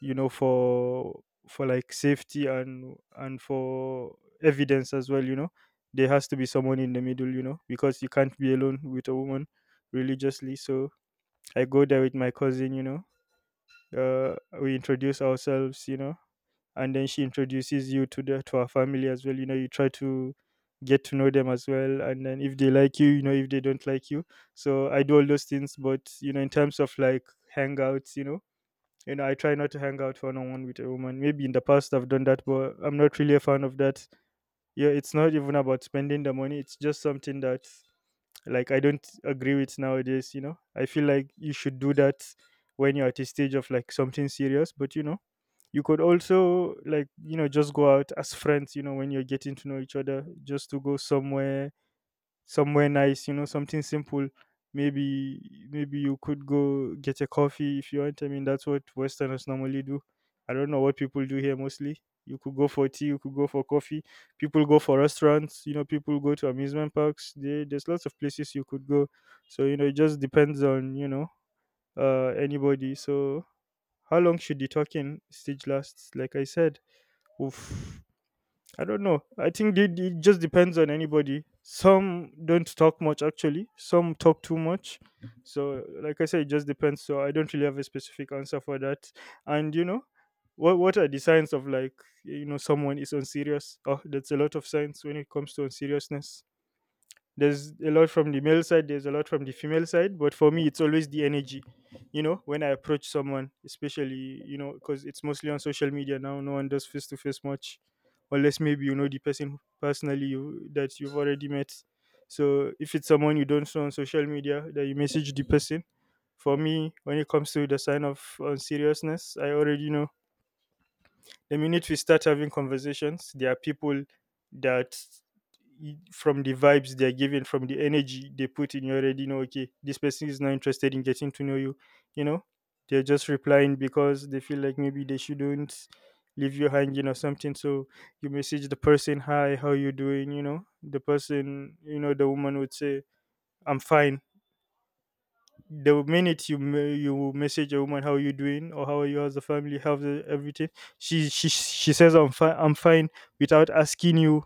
you know, for like safety, and for evidence as well. You know, there has to be someone in the middle, you know, because you can't be alone with a woman religiously. So I go there with my cousin. Uh, we introduce ourselves, you know, and then she introduces you to the to her family as well. You know, you try to get to know them as well, and then if they like you know, if they don't like you. So I do all those things, but you know, in terms of like hangouts, I try not to hang out one on one with a woman. Maybe in the past I've done that, but I'm not really a fan of that. Yeah, it's not even about spending the money. It's just something that, like, I don't agree with nowadays. You know, I feel like you should do that when you're at a stage of like something serious. But you know, you could also, like, you know, just go out as friends. You know, when you're getting to know each other, just to go somewhere nice. You know, something simple. Maybe maybe you could go get a coffee if you want. I mean, that's what Westerners normally do. I don't know what people do here mostly. You could go for tea, you could go for coffee, people go for restaurants. You know, people go to amusement parks. There's lots of places you could go. So you know, it just depends on, you know, anybody. So how long should the talking stage last? Like I said, Oof, I don't know. I think it just depends on anybody. Some don't talk much, actually. Some talk too much. So like I said, it just depends. So I don't really have a specific answer for that. And, you know, what are the signs of like, you know, someone is unserious? Oh, that's a lot of signs when it comes to unseriousness. There's a lot from the male side, there's a lot from the female side, but for me, it's always the energy. You know, when I approach someone, especially, you know, because it's mostly on social media now, no one does face to face much, unless maybe you know the person personally, you, that you've already met. So if it's someone you don't know on social media, that you message the person, for me, when it comes to the sign of on seriousness, I already know the minute we start having conversations. There are people that from the vibes they're giving, from the energy they put in, you already know, okay, this person is not interested in getting to know you. You know, they're just replying because they feel like maybe they shouldn't leave you hanging or something. So you message the person, hi, how you doing? You know, the person, you know, the woman would say, I'm fine. The minute you message a woman, how you doing, or how are you, how's the family, how's everything, she says, I'm fine, I'm fine, without asking you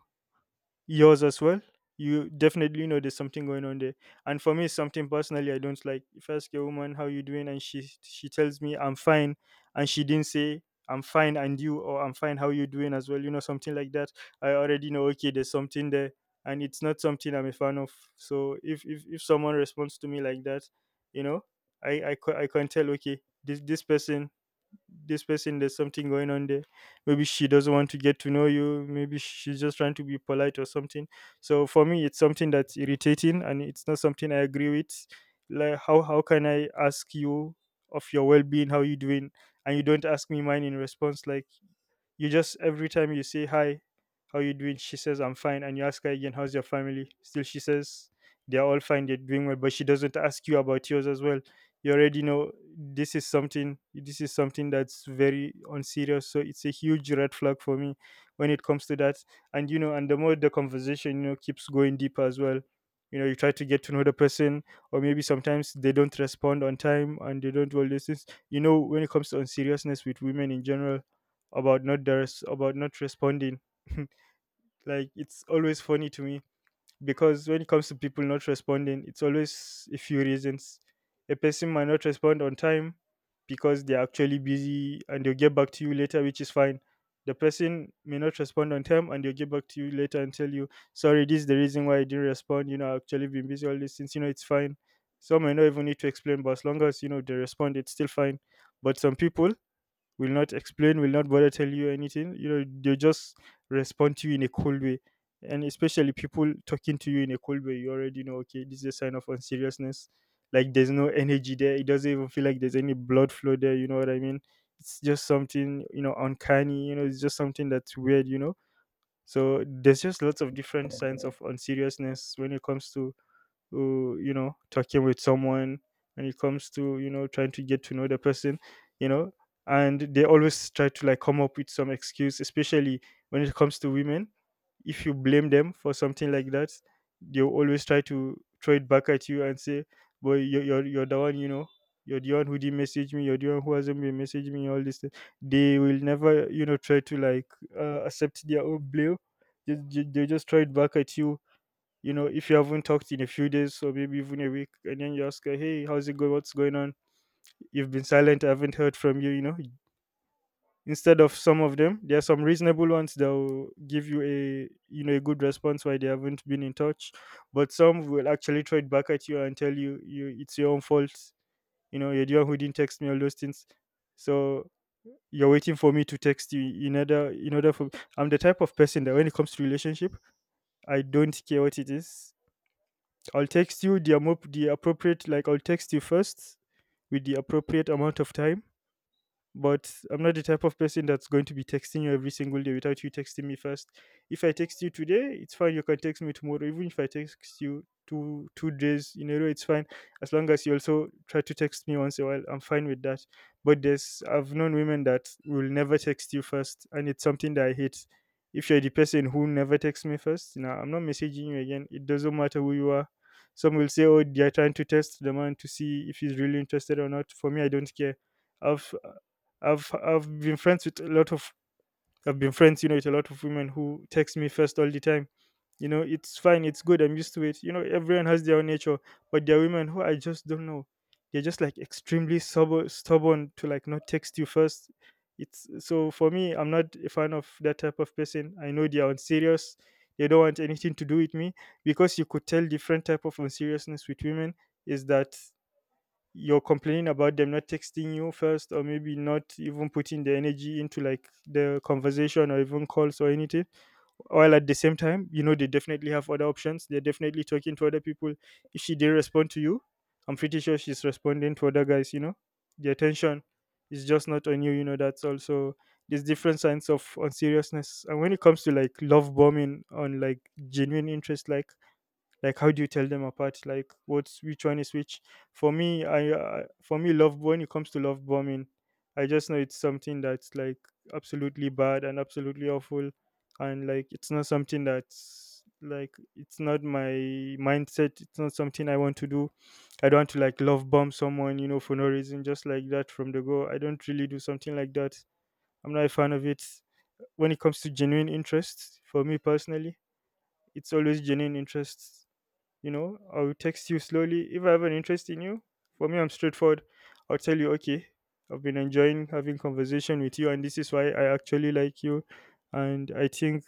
yours as well, you definitely know there's something going on there. And for me, it's something personally I don't like. If I ask a woman how you doing and she tells me I'm fine, and she didn't say I'm fine and you, or I'm fine, how you doing as well, you know, something like that, I already know, okay, there's something there, and it's not something I'm a fan of. So if someone responds to me like that, you know, I can tell, okay, this person, this person, there's something going on there. Maybe she doesn't want to get to know you, maybe she's just trying to be polite or something. So for me, it's something that's irritating, and it's not something I agree with. Like, how can I ask you of your well-being, how you doing, and you don't ask me mine in response? Like, you just every time you say, hi, how you doing? She says, I'm fine, and you ask her again, how's your family? Still, she says they're all fine, they're doing well, but she doesn't ask you about yours as well. You already know this is something. This is something that's very unserious. So it's a huge red flag for me when it comes to that. And you know, and the more the conversation, you know, keeps going deeper as well. You know, you try to get to know the person, or maybe sometimes they don't respond on time, and they don't do all these things. You know, when it comes to unseriousness with women in general, about not responding. Like, it's always funny to me, because when it comes to people not responding, it's always a few reasons. A person might not respond on time because they're actually busy and they'll get back to you later, which is fine. The person may not respond on time and they'll get back to you later and tell you, sorry, this is the reason why I didn't respond. You know, I've actually been busy all this since, you know, it's fine. Some may not even need to explain, but as long as, you know, they respond, it's still fine. But some people will not explain, will not bother tell you anything. You know, they just respond to you in a cold way. And especially people talking to you in a cold way, you already know, okay, this is a sign of unseriousness. Like, there's no energy there. It doesn't even feel like there's any blood flow there. You know what I mean? It's just something, you know, uncanny. You know, it's just something that's weird, you know? So there's just lots of different signs of unseriousness when it comes to who, you know, talking with someone, and it comes to, you know, trying to get to know the person, you know. And they always try to like come up with some excuse, especially when it comes to women. If you blame them for something like that, they'll always try to throw it back at you and say, boy, you're the one. You know, you're the one who didn't message me, you're the one who hasn't been messaging me, all this thing. They will never, you know, try to like accept their own blame. They just throw it back at you. You know, if you haven't talked in a few days, or maybe even a week, and then you ask her, hey, how's it going? What's going on? You've been silent. I haven't heard from you. You know, instead of, some of them, there are some reasonable ones that will give you a, you know, a good response why they haven't been in touch. But some will actually throw it back at you and tell you, you, it's your own fault. You know, you're the one who didn't text me, all those things. So you're waiting for me to text you in order for, I'm the type of person that when it comes to relationship, I don't care what it is. I'll text you the appropriate, like, I'll text you first with the appropriate amount of time. But I'm not the type of person that's going to be texting you every single day without you texting me first. If I text you today, it's fine. You can text me tomorrow. Even if I text you two days in a row, it's fine. As long as you also try to text me once in a while, I'm fine with that. But there's, I've known women that will never text you first, and it's something that I hate. If you're the person who never texts me first, now I'm not messaging you again. It doesn't matter who you are. Some will say, "Oh, they're trying to test the man to see if he's really interested or not." For me, I don't care. I've I've been friends with a lot of, I've been friends, you know, with a lot of women who text me first all the time. You know, it's fine, it's good, I'm used to it. You know, everyone has their own nature, but there are women who I just don't know. They're just like extremely stubborn, stubborn to like not text you first. It's so for me, I'm not a fan of that type of person. I know they are unserious. They don't want anything to do with me, because you could tell different type of unseriousness with women is that you're complaining about them not texting you first, or maybe not even putting the energy into like the conversation or even calls or anything, while at the same time, they definitely have other options. They're definitely talking to other people. If she didn't respond to you, I'm pretty sure she's responding to other guys. You know, the attention is just not on you. You know, that's also there's different signs of unseriousness. And when it comes to like love bombing on like genuine interest, like how do you tell them apart? Like, what's, which one is which? For me, I for me, love, when it comes to love bombing, I just know it's something that's like absolutely bad and absolutely awful. And like it's not something that's like, it's not my mindset. It's not something I want to do. I don't want to like love bomb someone, for no reason just like that from the go. I don't really do something like that. I'm not a fan of it. When it comes to genuine interest, for me personally, it's always genuine interest. You know, I will text you slowly if I have an interest in you. For me, I'm straightforward. I'll tell you, okay, I've been enjoying having conversation with you, and this is why I actually like you. And I think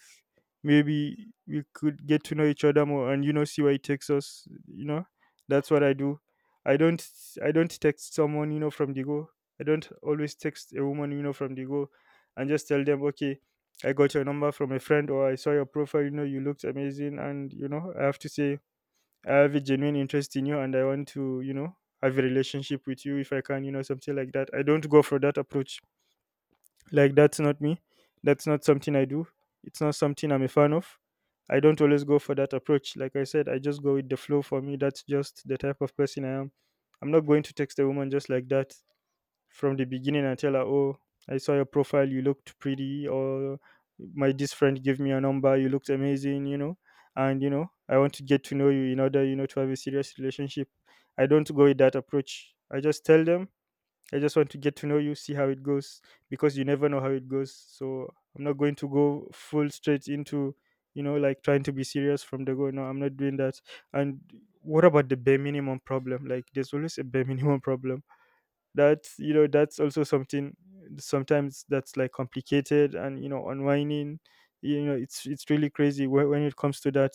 maybe we could get to know each other more, and, you know, see where it takes us, you know. That's what I do. I don't i don't text someone, you know, from the go. I don't always text a woman, you know, from the go, and just tell them, okay, I got your number from a friend, or I saw your profile, you know, you looked amazing, and, you know, I have to say I have a genuine interest in you and I want to, you know, have a relationship with you if I can, you know, something like that. I don't go for that approach. Like that's not me. That's not something I do. It's not something I'm a fan of. I don't always go for that approach. Like I said, I just go with the flow for me. That's just the type of person I am. I'm not going to text a woman just like that from the beginning and tell her, oh, I saw your profile, you looked pretty, or my this friend gave me your number, you looked amazing, you know, and, you know, I want to get to know you in order, you know, to have a serious relationship. I don't go with that approach. I just tell them, I just want to get to know you, see how it goes, because you never know how it goes. So I'm not going to go full straight into, you know, like trying to be serious from the go. No, I'm not doing that. And what about the bare minimum problem? Like, there's always a bare minimum problem. That's, you know, that's also something sometimes that's like complicated and, you know, unwinding. You know, it's really crazy when it comes to that.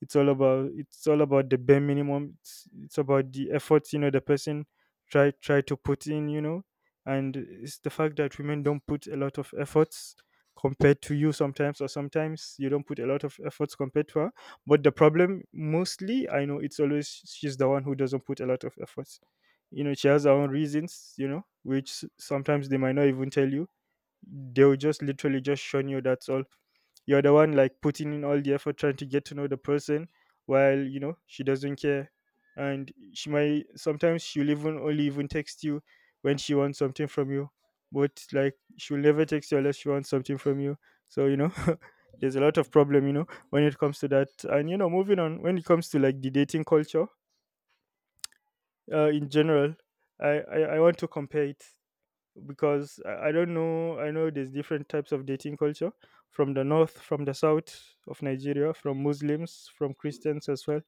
It's all about the bare minimum. It's about the effort, you know, the person try to put in, you know. And it's the fact that women don't put a lot of efforts compared to you sometimes, or sometimes you don't put a lot of efforts compared to her. But the problem mostly, I know, it's always she's the one who doesn't put a lot of effort. You know, she has her own reasons, you know, which sometimes they might not even tell you. They'll just literally just shun you. That's all. You're the one like putting in all the effort trying to get to know the person, while, you know, she doesn't care. And she might sometimes, she'll even only even text you when she wants something from you. But like she'll never text you unless she wants something from you. So, you know, there's a lot of problem, you know, when it comes to that. And, you know, moving on, when it comes to like the dating culture in general, I want to compare it, because I don't know, I know there's different types of dating culture, from the north, from the south of Nigeria, from Muslims, from Christians as well.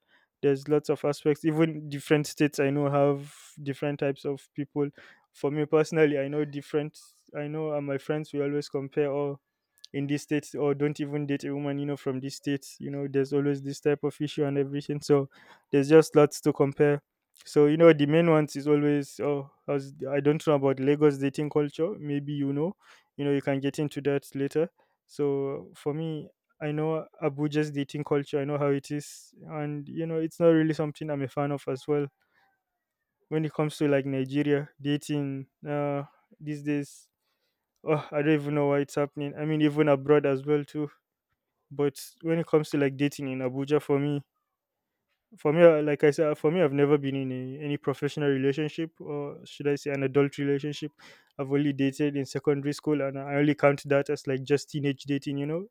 There's lots of aspects. Even different states, I know, have different types of people. For me personally, I know different. I know, my friends, we always compare, or in this state, or don't even date a woman, you know, from this state. You know, there's always this type of issue and everything. So there's just lots to compare. So, you know, the main ones is always, oh, as I don't know about Lagos dating culture. Maybe, you know, you know you can get into that later. So for me, I know Abuja's dating culture. I know how it is, and you know it's not really something I'm a fan of as well. When it comes to like Nigeria dating these days, oh, I don't even know why it's happening. I mean, even abroad as well too. But when it comes to like dating in Abuja, for me, like I said, for me, I've never been in any professional relationship, or should I say, an adult relationship. I've only dated in secondary school, and I only count that as like just teenage dating. You know,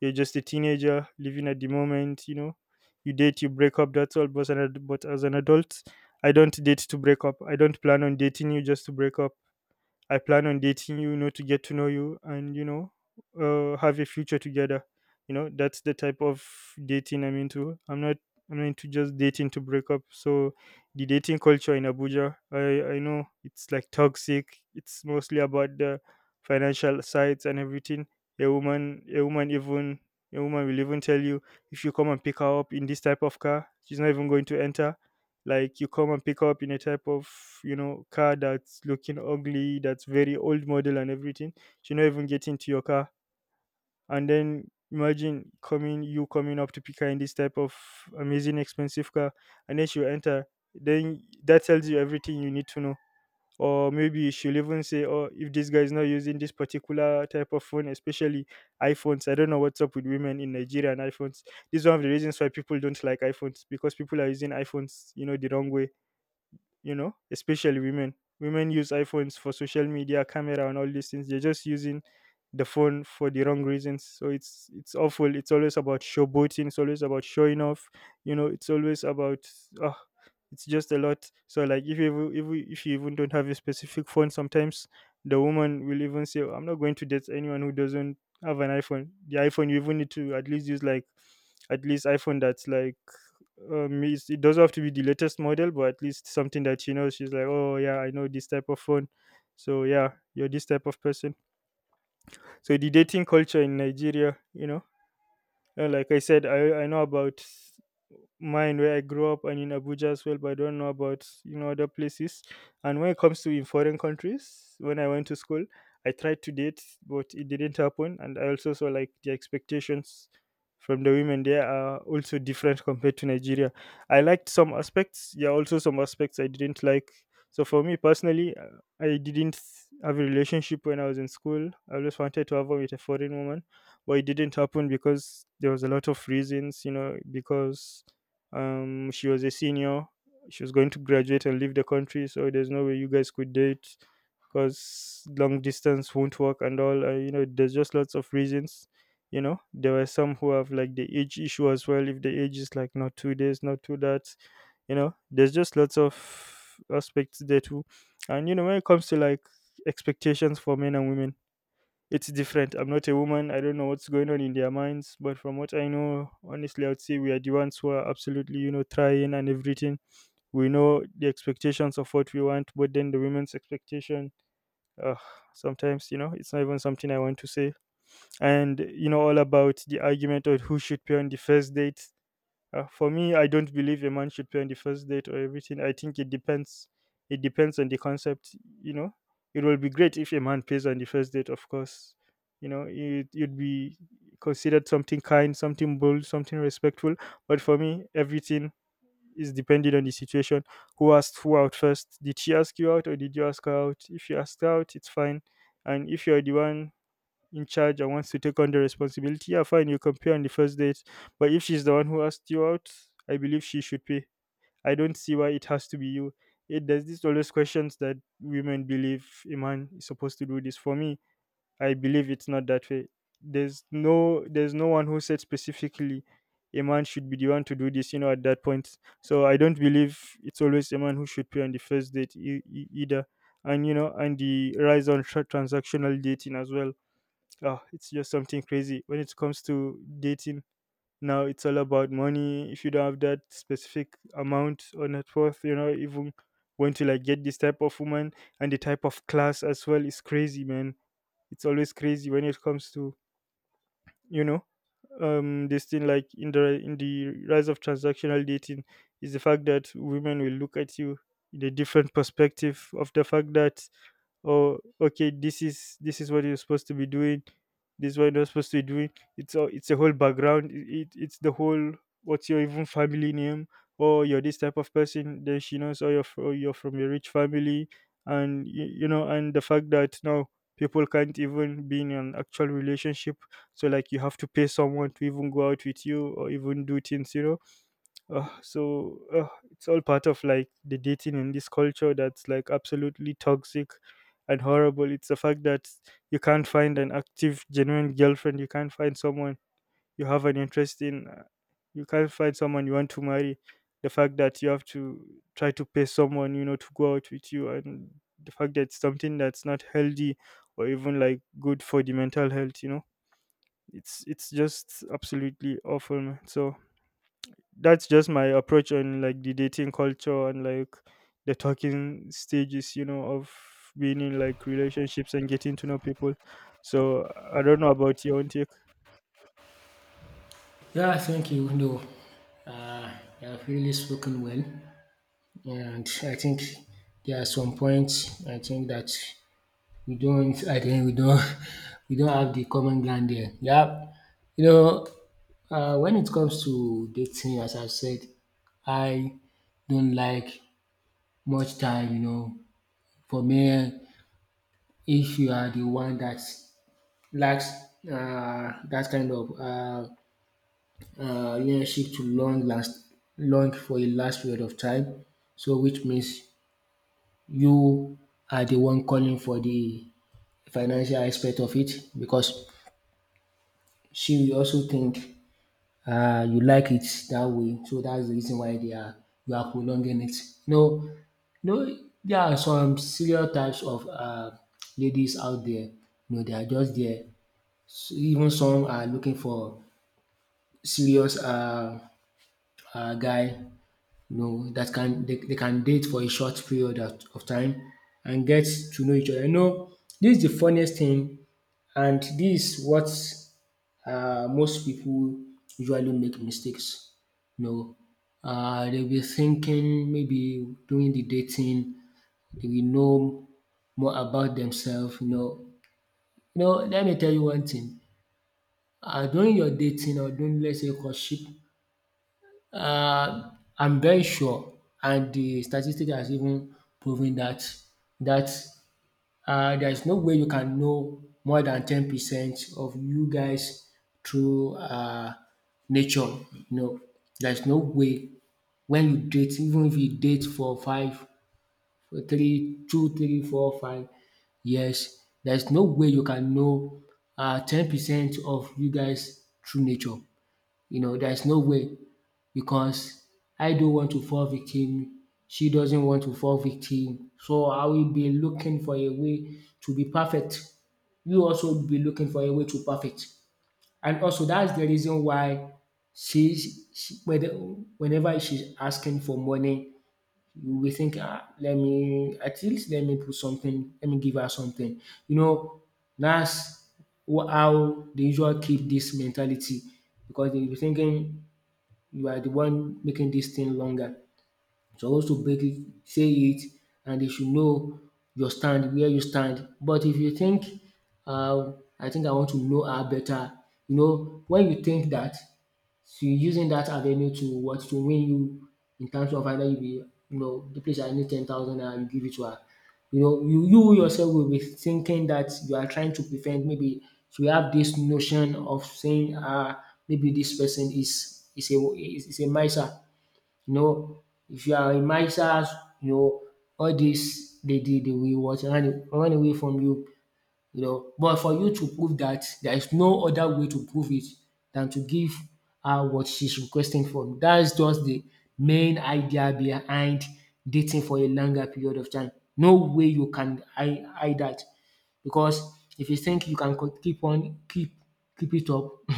you're just a teenager living at the moment. You know, you date, you break up. That's all. But as an adult, I don't date to break up. I don't plan on dating you just to break up. I plan on dating you, you know, to get to know you and, you know, have a future together. You know, that's the type of dating I'm into. I'm not into just dating to break up. So the dating culture in Abuja, I know it's like toxic. It's mostly about the financial sides and everything. A woman a woman even a woman will even tell you, if you come and pick her up in this type of car, she's not even going to enter. Like you come and pick up in a type of, you know, car that's looking ugly, that's very old model and everything, you're not even getting to your car. And then, imagine coming you coming up to pick her in this type of amazing expensive car, and then she'll enter. Then that tells you everything you need to know. Or maybe she'll even say, oh, if this guy is not using this particular type of phone, especially iPhones. I don't know what's up with women in Nigeria and iPhones. This is one of the reasons why people don't like iPhones, because people are using iPhones, you know, the wrong way, you know, especially women. Women use iPhones for social media, camera, and all these things. They're just using the phone for the wrong reasons. So it's awful. It's always about showboating. It's always about showing off. You know, it's always about, oh, it's just a lot. So like if you even don't have a specific phone, sometimes the woman will even say, "Oh, I'm not going to date anyone who doesn't have an iPhone." The iPhone you even need to at least use like at least iPhone that's like it doesn't have to be the latest model, but at least something that she knows, she's like, oh yeah, I know this type of phone. So yeah, you're this type of person. So the dating culture in Nigeria, you know, like I said, I know about mine where I grew up, and in Abuja as well, but I don't know about, you know, other places. And when it comes to in foreign countries, when I went to school, I tried to date, but it didn't happen. And I also saw like the expectations from the women there are also different compared to Nigeria. I liked some aspects, yeah, also some aspects I didn't like. So for me personally, I didn't have a relationship when I was in school. I always wanted to have one with a foreign woman, but it didn't happen because there was a lot of reasons, you know, because she was a senior. She was going to graduate and leave the country, so there's no way you guys could date because long distance won't work and all. You know, there's just lots of reasons. You know, there were some who have like the age issue as well. If the age is like not 2 days, not two that, you know, there's just lots of aspects there too. And, you know, when it comes to like expectations for men and women, it's different. I'm not a woman. I don't know what's going on in their minds. But from what I know, honestly, I would say we are the ones who are absolutely, you know, trying and everything. We know the expectations of what we want, but then the women's expectation, uh, sometimes, you know, it's not even something I want to say. And, you know, all about the argument of who should pay on the first date, for me, I don't believe a man should pay on the first date or everything. I think it depends. It depends on the concept. You know, it will be great if a man pays on the first date, of course. You know, it you'd be considered something kind, something bold, something respectful. But for me, everything is dependent on the situation. Who asked who out first? Did she ask you out or did you ask her out? If you asked her out, it's fine. And if you're the one in charge and wants to take on the responsibility, yeah, fine, you can pay on the first date. But if she's the one who asked you out, I believe she should pay. I don't see why it has to be you. It does this always questions that women believe a man is supposed to do this for me. I believe it's not that way. There's no one who said specifically a man should be the one to do this, you know, at that point. So I don't believe it's always a man who should pay on the first date either. And you know, and the rise on transactional dating as well. Ah, it's just something crazy when it comes to dating. Now it's all about money. If you don't have that specific amount or net worth, you know, even when to like get this type of woman and the type of class as well is crazy, man. It's always crazy when it comes to, you know, this thing like in the rise of transactional dating is the fact that women will look at you in a different perspective of the fact that, oh, okay, this is what you're supposed to be doing, this is what you're not supposed to be doing. It's a whole background. It's the whole what's your even family name, or you're this type of person, then she knows, oh, you're from a rich family. And you know, and the fact that now people can't even be in an actual relationship, so like you have to pay someone to even go out with you or even do things, you know. So it's all part of like the dating in this culture that's like absolutely toxic and horrible. It's the fact that you can't find an active genuine girlfriend, you can't find someone you have an interest in, you can't find someone you want to marry, the fact that you have to try to pay someone, you know, to go out with you, and the fact that it's something that's not healthy or even like good for the mental health, you know. It's just absolutely awful, man. So that's just my approach on like the dating culture and like the talking stages, you know, of being in like relationships and getting to know people. So I don't know about your own take. Yeah, I think you know, uh, you have really spoken well, and I think there are some points, I think, that We don't I think we don't we don't have the common ground there. Yeah. You know, when it comes to dating, as I said, I don't like much time, you know. For me, if you are the one that lacks, that kind of, relationship to long for a last period of time, so which means you are the one calling for the financial aspect of it, because she will also think, you like it that way. So that's the reason why they are you are prolonging it. You know, know there are some stereotypes of, ladies out there. You know, they are just there. So even some are looking for serious, guy, no, that can they can date for a short period of time and get to know each other. You know, this is the funniest thing, and this is what, most people usually make mistakes. No, know, they'll be thinking maybe during the dating they will know more about themselves. Let me tell you one thing. During your dating, or during, let's say, courtship, I'm very sure, and the statistic has even proven that, that there is no way you can know more than 10% of you guys through nature. No, there is no way, when you date, even if you date for three, two, three, four, 5 years, there is no way you can know 10% of you guys through nature. You know, there is no way, because I don't want to fall victim, she doesn't want to fall victim. So I will be looking for a way to be perfect. You also be looking for a way to perfect. And also, that's the reason why she whether whenever she's asking for money, you will think, ah, let me at least, let me put something, let me give her something. You know, that's how the usual keep this mentality, because they be thinking you are the one making this thing longer. So to break it, say it, and they should know your stand, where you stand. But if you think, I think, I want to know her better, you know, when you think that. So you're using that avenue to what to win you in terms of, either you be you know the place, I need 10,000 and you give it to her. You know, you yourself will be thinking that you are trying to prevent, maybe you have this notion of saying, ah, maybe this person is a miser. You know, if you are a miser, you know, all this they did, they will what, run away from you, you know. But for you to prove that, there is no other way to prove it than to give her what she's requesting for. That's just the main idea behind dating for a longer period of time. No way you can hide that, because if you think you can co- keep on keep keep it up,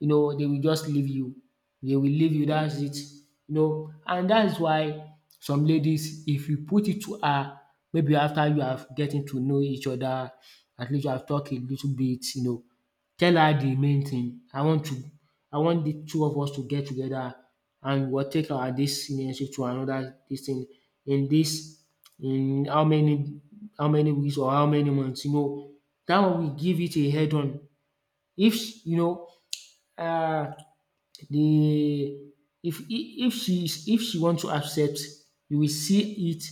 you know they will just leave you. They will leave you, that's it. You know, and that's why some ladies, if you put it to her, maybe after you have getting to know each other, at least you have talked a little bit, you know, tell her the main thing. I want the two of us to get together, and we'll take our this relationship to another this thing in this in how many weeks or how many months, you know. That one will give it a head on. If you know uh. The if she is if she want to accept, you will see it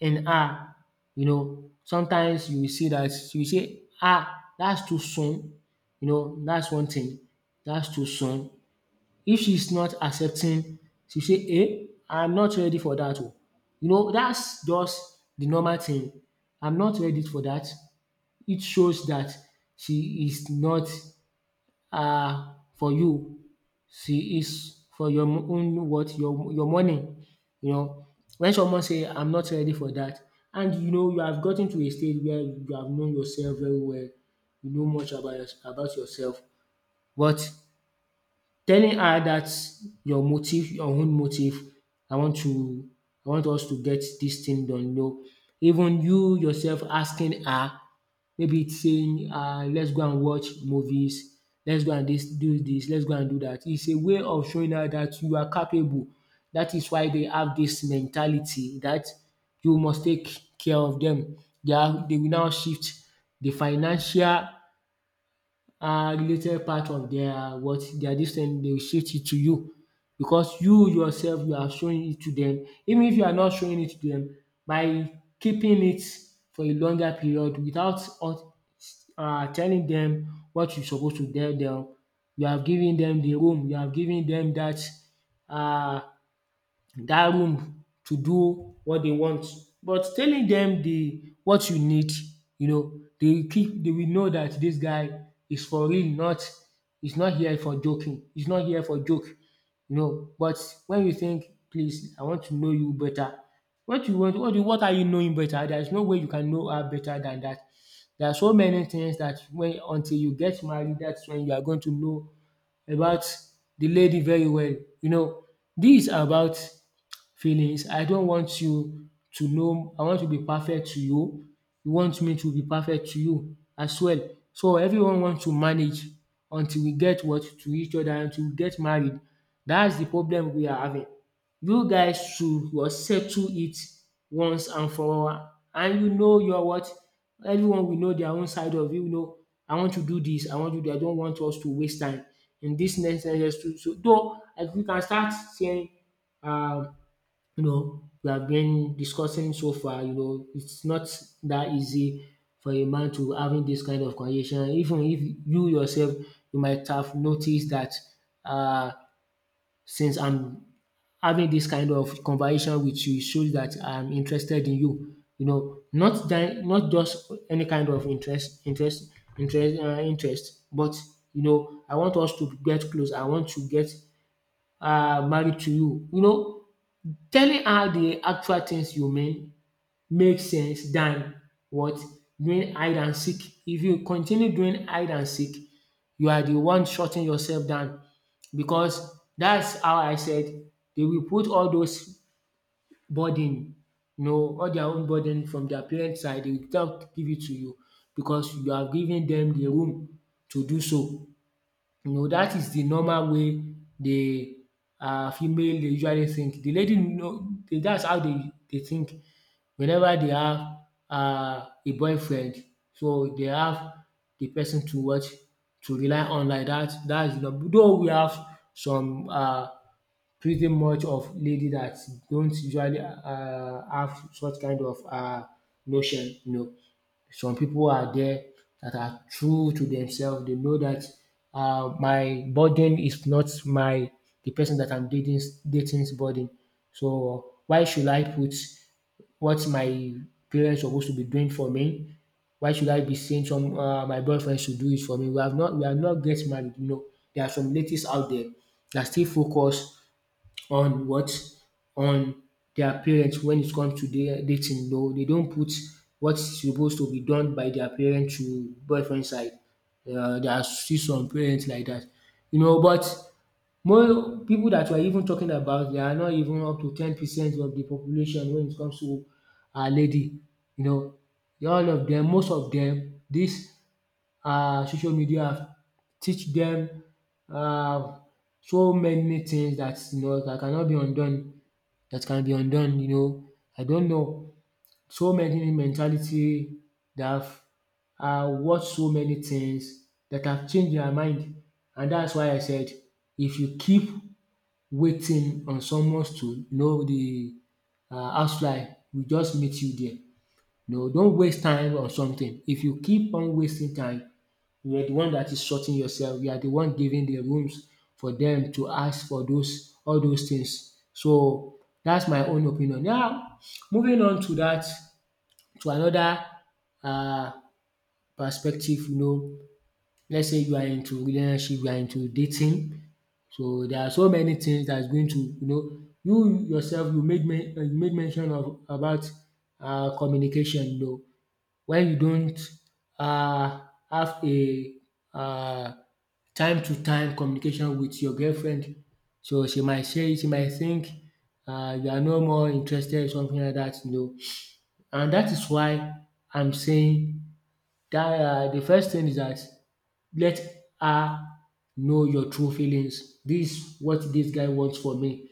in her, you know. Sometimes you will see that she will say, “Ah, that's too soon,” you know, that's one thing, “That's too soon.” If she's not accepting, she will say, “Eh, I'm not ready for that oh.” You know, that's just the normal thing. “I'm not ready for that.” It shows that she is not for you. See, it's for your own what your money. You know, when someone say I'm not ready for that, and you know you have gotten to a stage where you have known yourself very well, you know much about about yourself, but telling her that your motive, your own motive. I want to I want us to get this thing done, you know. Even you yourself asking her, maybe it's saying, let's go and watch movies, let's go and this, do this, let's go and do that. It's a way of showing her that you are capable. That is why they have this mentality that you must take care of them. They will now shift the financial, related part of their, what, their dis thing, they will shift it to you, because you yourself you are showing it to them. Even if you are not showing it to them by keeping it for a longer period without telling them what you suppose to tell them, you have given them the room, you have given them that uh. That room to do what they want. But telling them the what you need, you know, they will know that this guy is for real, not is not here for joking, is not here for joke, you know. But when you think, "Please, I want to know you better, what you want what you- what are you knowing better?" There is no way you can know her better than that. There are so many things that when until you get married, that's when you are going to know about the lady very well, you know. Dis about feelings. I don't want you to know I want to be perfect to you. You want me to be perfect to you as well. So everyone wants to manage until we get what to each other until we get married. That's the problem we are having. You guys should was settle it once and for all. And you know your what, everyone will know their own side of you. You know, I want to do this, I want to do that. I don't want us to waste time in this next next. So though, if we can start saying, um you know, we have been discussing so far, you know, it's not that easy for a man to having this kind of conversation. Even if you yourself, you might have noticed that uh, since I'm having this kind of conversation with you, it shows that I'm interested in you. You know, not that, not just any kind of interest, interest, interest, interest, but you know, I want us to get close. I want to get married to you. You know, telling her the actual things you mean makes sense than what doing hide and seek. If you continue doing hide and seek, you are the one shutting yourself down because that's how I said they will put all those burden, you know, all their own burden from their parents side. They will not give it to you because you are giving them the room to do so. You know, dat the normal way the female dey usually think. The lady know that's how they think whenever they have a boyfriend. So they have the person to watch, to rely on like that dat. Dats though we have some pretty much of lady that don't usually have such kind of notion, you know. Some people are there that are true to themselves. They know that my burden is not my the person that I'm dating's burden. So why should I put what my parents are supposed to be doing for me? Why should I be saying some my boyfriend should do it for me? We have not get married, you know. There are some ladies out there that still focus on what? On their parents when it comes to dating. No, they don't put what's supposed to be done by their parents to boyfriend side. There are still some parents like that. You know, but more people that we're even talking about, they are not even up to 10% of the population when it comes to a lady. You know, all of them, most of them, this social media have teach them um so many things that you know that cannot be undone. That can be undone, you know. I don't know so many mentality that have watched so many things that have changed their mind. And that's why I said if you keep waiting on someone to you know, the housefly will just meet you there. No, don't waste time on something. If you keep on wasting time, you are the one that is sorting yourself. You are the one giving the rooms for them to ask for those all those things. So that's my own opinion. Now moving on to that, to another uh perspective, you know, let's say you are into relationship, you are into dating. So there are so many things that's going to, you know, you yourself you made men you made mention of about communication, you know, where you don't um have a um time to time communication with your girlfriend. So she might think you are no more interested, something like that, you know. And that is why I'm saying that de first thing is that let her know your true feelings. This is what this guy wants for me.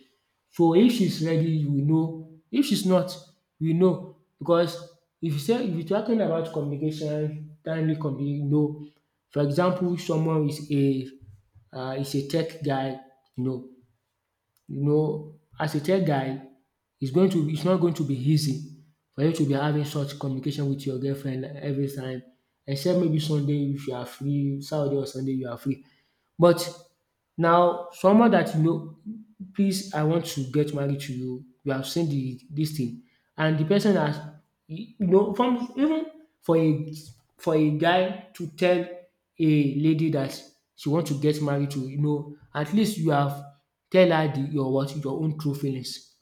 So if she's ready we know, if she's not we know, because if you are talking about communication, timely communication, you know. For example, someone is a tech guy, you know. You know, as a tech guy, it's not going to be easy for you to be having such communication with your girlfriend every time except maybe Sunday if you are free, Saturday or Sunday you are free. But now, someone that you know, "Please, I want to get married to you, you have seen the dis thing," and the person has, you know, from even for a for a guy to tell a lady that she want to get married to, you know, at least you have tell her the your what? Your own true feelings.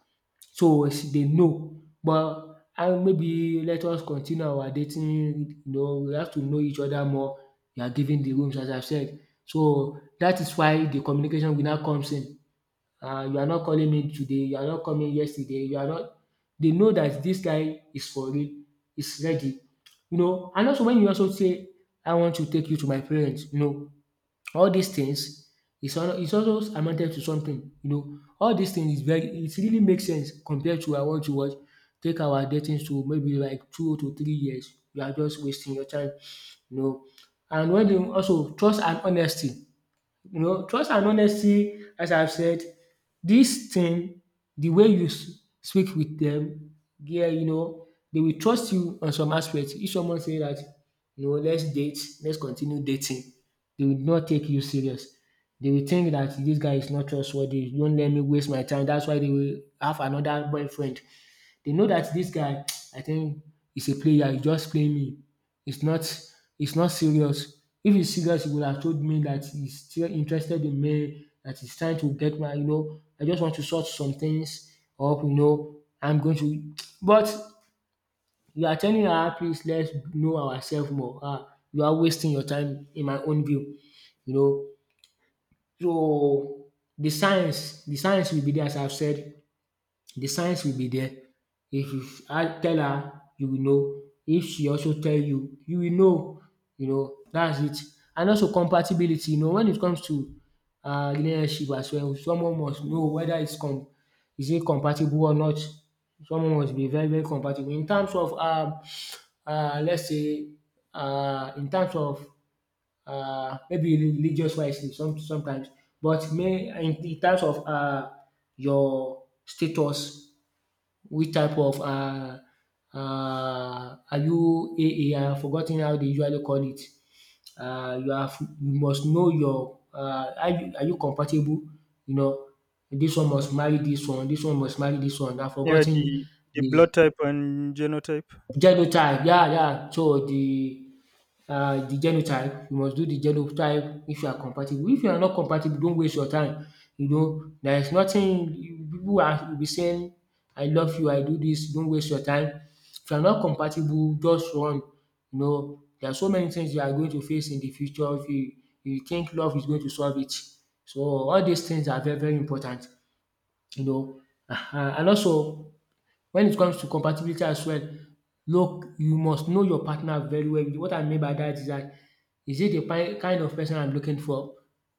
So it's- they know, but and maybe let us continue our dating, you know, we have to know each other more. You are giving the rooms as I said. So that is why the communication will now comes in. You are not calling me today, you are not coming yesterday, you are not, they know that this guy is for real, is ready. You know, and also when you also say, "I want to take you to my parents," you know, all these things is also amounted to something, you know, all these things is very, it really makes sense compared to, "I want to watch take our dating to maybe like 2 to 3 years," you are just wasting your time, you know. And when you also trust and honesty, you know, trust and honesty, as I've said, this thing, the way you speak with them, yeah, you know, they will trust you on some aspects. If someone say that, you know, let's date, let's continue dating, they will not take you serious. They will think that this guy is not trustworthy. Don't let me waste my time. That's why they will have another boyfriend. They know that this guy, I think, is a player. He's just playing me. It's not It's not serious. If it's serious, he would have told me that he's still interested in me, that he's trying to get my, you know, I just want to sort some things up, you know. I'm going to, but you are telling her, "Please, let's know ourselves more." Ah, you are wasting your time in my own view. You know, so the science will be there, as I've said. The signs will be there. If you tell her, you will know. If she also tell you, you will know. You know, that's it. And also compatibility, you know, when it comes to relationship as well, someone must know whether is it compatible or not. Someone must be very, very compatible. In terms of, let's say, in terms of maybe religious wise, some, sometimes, but may, in terms of your status, which type of are you, a, have forgotten how they usually call it. You have, you must know your are you, are you compatible, you know, this one must marry this one must marry this one. I have Yeah, forgotten the the blood type and genotype. genotype, yeah, yeah. So the genotype, you must do the genotype if you are compatible. If you are not compatible, don't waste your time. You know, there is nothing, people are will be saying, "I love you, I do this." Don't waste your time. If you are not compatible, just run. You know, there are so many things you are going to face in the future if you you think love is going to solve it. So all these things are very, very important, you know. And also, when it comes to compatibility as well, look, you must know your partner very well. What I mean by that is it the kind of person I'm looking for?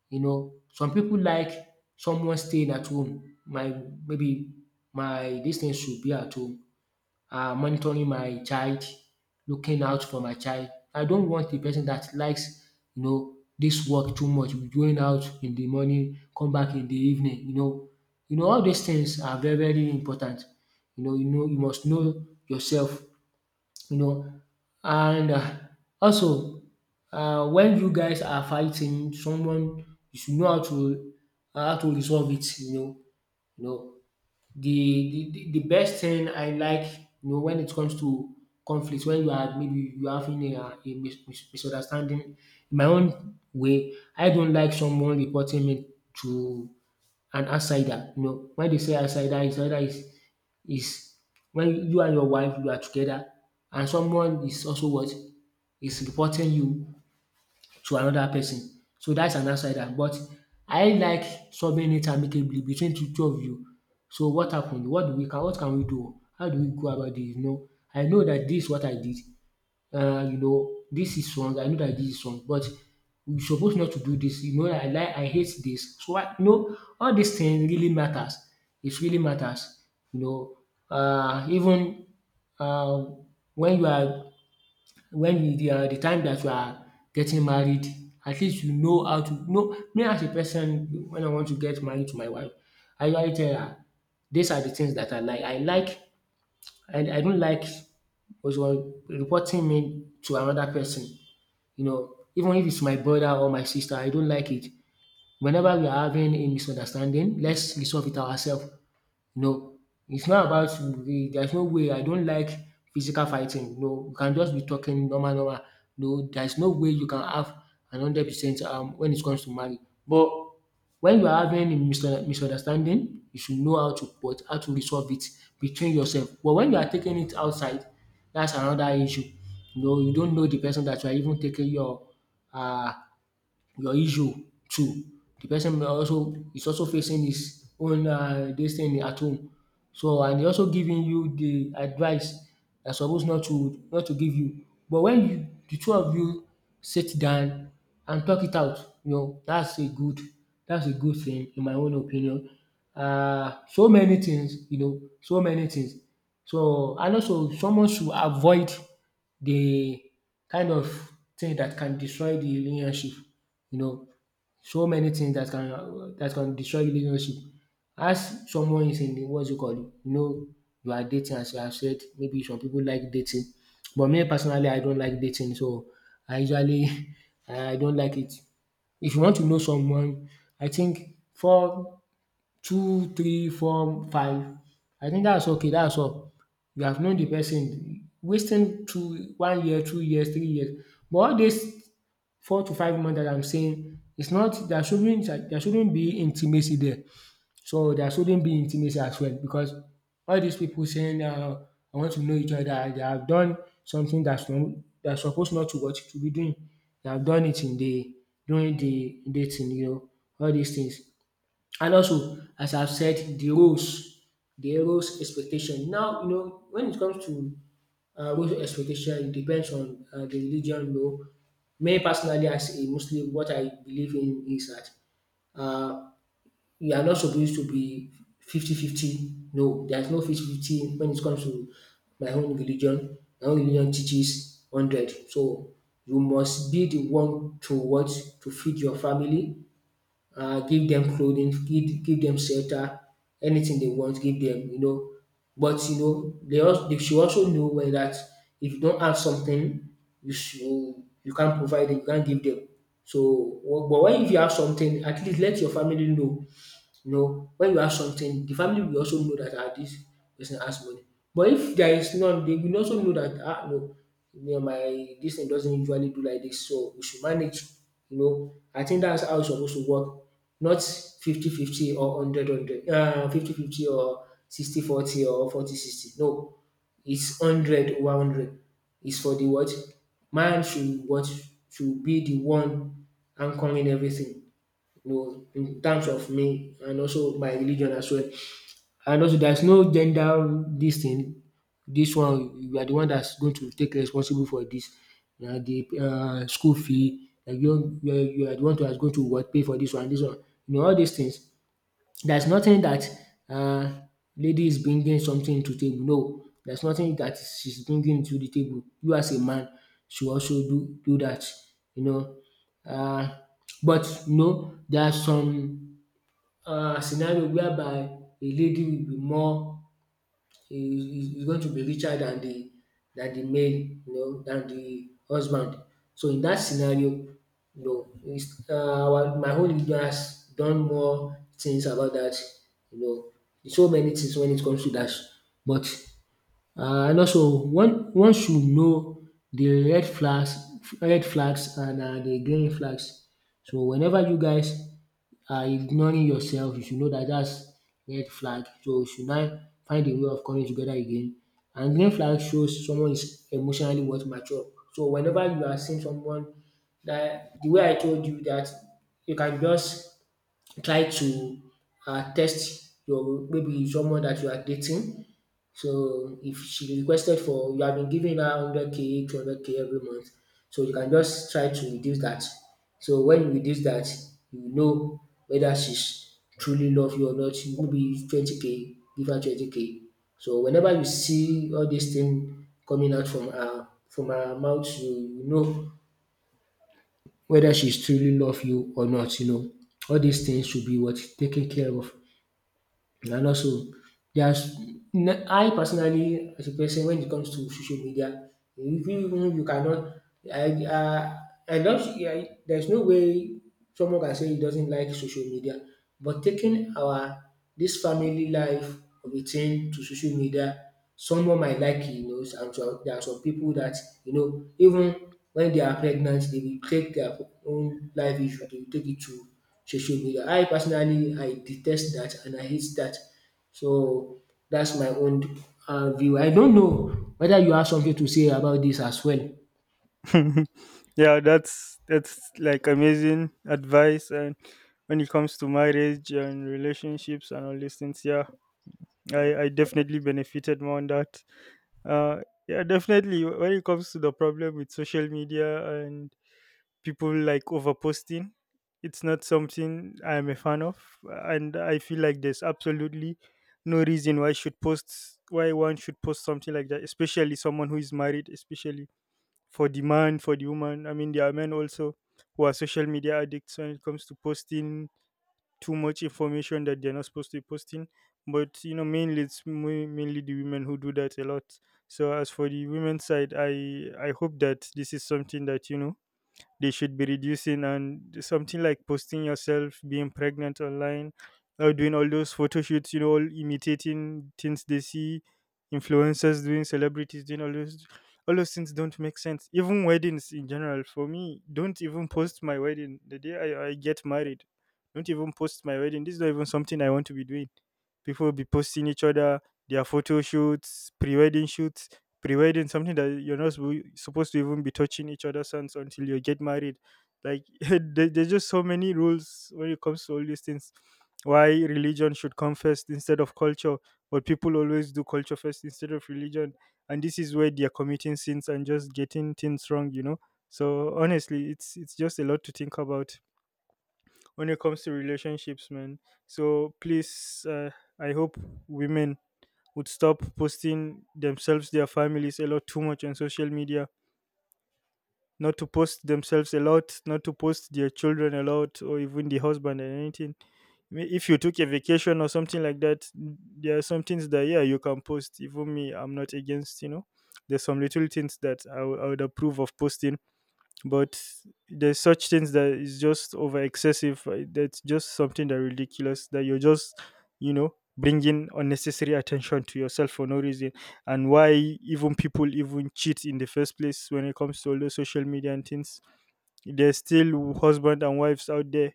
You know, some people like someone staying at home. My maybe my distance should be at home, monitoring my child, looking out for my child. I don't want a person that likes, you know, this work too much, going out in the morning, come back in the evening, you know. You know, all these things are very, very important. You know, you know, you must know yourself, you know. And also, when you guys are fighting someone, you should know how to resolve it, you know, you know. The best thing I like, you know, when it comes to conflicts when you are maybe you are having a misunderstanding, in my own way, I don't like someone reporting me to an outsider. You know, when they say outsider, outsider is when you and your wife you are together, and someone is also what is reporting you to another person. So that's an outsider. But I like solving it amicably between the two of you. So what happened? What can we do? How do we go about this? You know, I know that this is what I did. You know, this is wrong. I know that this is wrong, but we supposed not to do this. You know, I hate this. So I all these things really matters. It really matters. You know, even uh, when you are when you the time that you are getting married, at least you know how to know me as a person. When I want to get married to my wife, I usually tell her these are the things that I like. I like and I don't like also reporting me to another person. You know, even if it's my brother or my sister, I don't like it. Whenever we are having a misunderstanding, let's resolve it ourselves. You know, it's not about we there's no way I don't like physical fighting. No, you can just be talking normal, normal. No, there's no way you can have an 100% when it comes to marriage. But when you are having a misunderstanding, you should know how to resolve it between yourself. But when you are taking it outside, that's another issue. You know, you don't know the person that you are even taking uh your issue too. The person may also is also facing his own dis thing at home. So and e also giving you the advice that suppose not to give you. But when you the two of you sit down and talk it out, you know that's a good thing in my own opinion. So many things, you know, so many things. So and also someone should avoid the kind of thing that can destroy the relationship. You know, so many things that can destroy relationship. As someone is in the what's it called, you know, you are dating as you have said, maybe some people like dating. But me personally, I don't like dating. So I usually I don't like it. If you want to know someone, I think 2, 3, 4, 5. I think that's okay, that's all. You have known the person. Wasting 2 1 year, 2 years, 3 years, but all this 4 to 5 months that I'm saying, it's not there shouldn't be intimacy there. So there shouldn't be intimacy as well because all these people saying, I want to know each other, they have done something that's not they're supposed not to be doing. They have done it in the during the dating, you know, all these things. And also, as I've said, the roles expectation. Now you know when it comes to what expectation depends on the religion though. Me personally, as a Muslim, what I believe in is that uh, we are not supposed to be 50-50. No, there's no 50-50 when it comes to my own religion. My own religion teaches 100. So you must be the one to what to feed your family, give them clothing, give them shelter, anything they want, give them, you know. But you know, they should also know well that if you don't have something, you should, you can't provide it, you can't give them. So, wh- but when if you have something, at least let your family know. You know, when you have something, the family will also know that ah dis person has money. But if there is none, they will also know that ah no, me and my this thing doesn't usually do like this, so we should manage. You know, I think that's how it's supposed to work. Not 50 fifty or one hundred one hundred 50 50 or 60 40 or 40 60. No, it's 100 over 100. It's for the what? Man should what should be the one anchoring everything, you know, in terms of me and also my religion as well. And also there's no gender this thing. This one you are the one that's going to take responsible for this. You the school fee, like you you are the one that's going to what pay for this one, this one. You know all these things. There's nothing that uh lady is bringing something to table. No, there's nothing that she's bringing to the table. You as a man should also do that, you know. uh, But you know there are some scenario whereby a lady will be more is going to be richer than the male, you know, than the husband. So in that scenario you know is our my own leader has done more things about that, you know, so many things when it comes to that. But and also one should know the red flags and the green flags. So whenever you guys ignoring yourself, you should know that dats red flag, so you should now find a way of coming together again. And green flag shows someone is emotionally worth mature. So whenever you are seeing someone that the way I told you, that you can just try to test your maybe someone that you are dating. So if she requested for you have been giving her 100K, 200K K every month, so you can just try to reduce that. So when you reduce that, you know whether she's truly love you or not. Maybe 20K K, give her 20K K. So whenever you see all these things coming out from her mouth, you know whether she's truly love you or not. You know all these things should be what taken care of, and also yes, I personally as a person when it comes to social media, even if you cannot I I don't I, there's no way someone can say he doesn't like social media. But taking our this family life of a thing to social media, someone might like it, you know, and so there are some people that, you know, even when they are pregnant, they will take their own life issue, they will take it to social media. I personally I detest that and I hate that, so that's my own view. I don't know whether you have something to say about this as well? Yeah, that's like amazing advice, and when it comes to marriage and relationships and all these things, yeah, I definitely benefited more on that. Uh, yeah, definitely. When it comes to the problem with social media and people like overposting, it's not something I'm a fan of, and I feel like there's absolutely no reason why should post, why one should post something like that, especially someone who is married, especially for the man, for the woman. I mean, there are men also who are social media addicts when it comes to posting too much information that they're not supposed to be posting. But you know, mainly the women who do that a lot. So as for the women's side, I hope that this is something that, you know, they should be reducing, and something like posting yourself being pregnant online or doing all those photo shoots, you know, all imitating things they see influencers doing, celebrities doing, all those things don't make sense. Even weddings in general, for me, don't even post my wedding. The day I get married, don't even post my wedding, this is not even something I want to be doing. People will be posting each other, their photo shoots, pre-wedding shoots, providing something that you're not supposed to even be touching each other's hands until you get married, like there's just so many rules when it comes to all these things, why religion should come first instead of culture, but people always do culture first instead of religion, and this is where they're committing sins and just getting things wrong, you know. So honestly, it's just a lot to think about when it comes to relationships, man. So please, I hope women would stop posting themselves, their families a lot, too much on social media, not to post themselves a lot, not to post their children a lot, or even the husband and anything. I mean, if you took a vacation or something like that, there are some things that, yeah, you can post. Even me, I'm not against, you know. There's some little things that I would approve of posting, but there's such things that is just over excessive, that's just something that ridiculous, that you're just, you know, bringing unnecessary attention to yourself for no reason. And why even people even cheat in the first place, when it comes to all the social media and things, there's still husband and wives out there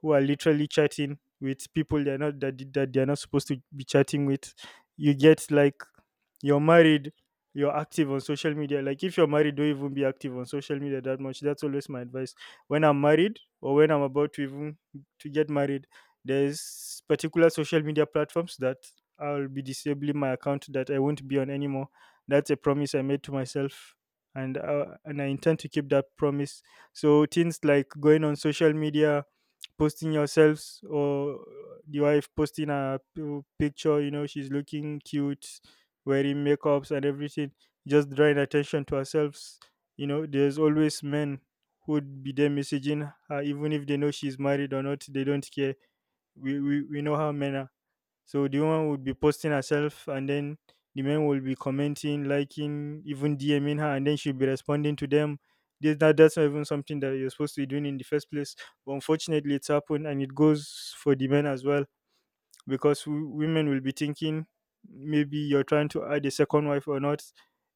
who are literally chatting with people they're not that, that they're not supposed to be chatting with. You get like, you're married, you're active on social media, like if you're married, don't even be active on social media that much. That's always my advice. When I'm married, or when I'm about to even to get married, there's particular social media platforms that I'll be disabling my account, that I won't be on anymore. That's a promise I made to myself, and I intend to keep that promise. So things like going on social media, posting yourselves, or the wife posting a picture, you know, she's looking cute, wearing makeups and everything, just drawing attention to ourselves. You know, there's always men who'd be there messaging her, even if they know she's married or not, they don't care. We know how men are. So the woman would be posting herself, and then the men will be commenting, liking, even DMing her, and then she'll be responding to them. That's not even something that you're supposed to be doing in the first place. But unfortunately, it's happened, and it goes for the men as well, because women will be thinking maybe you're trying to add a second wife or not,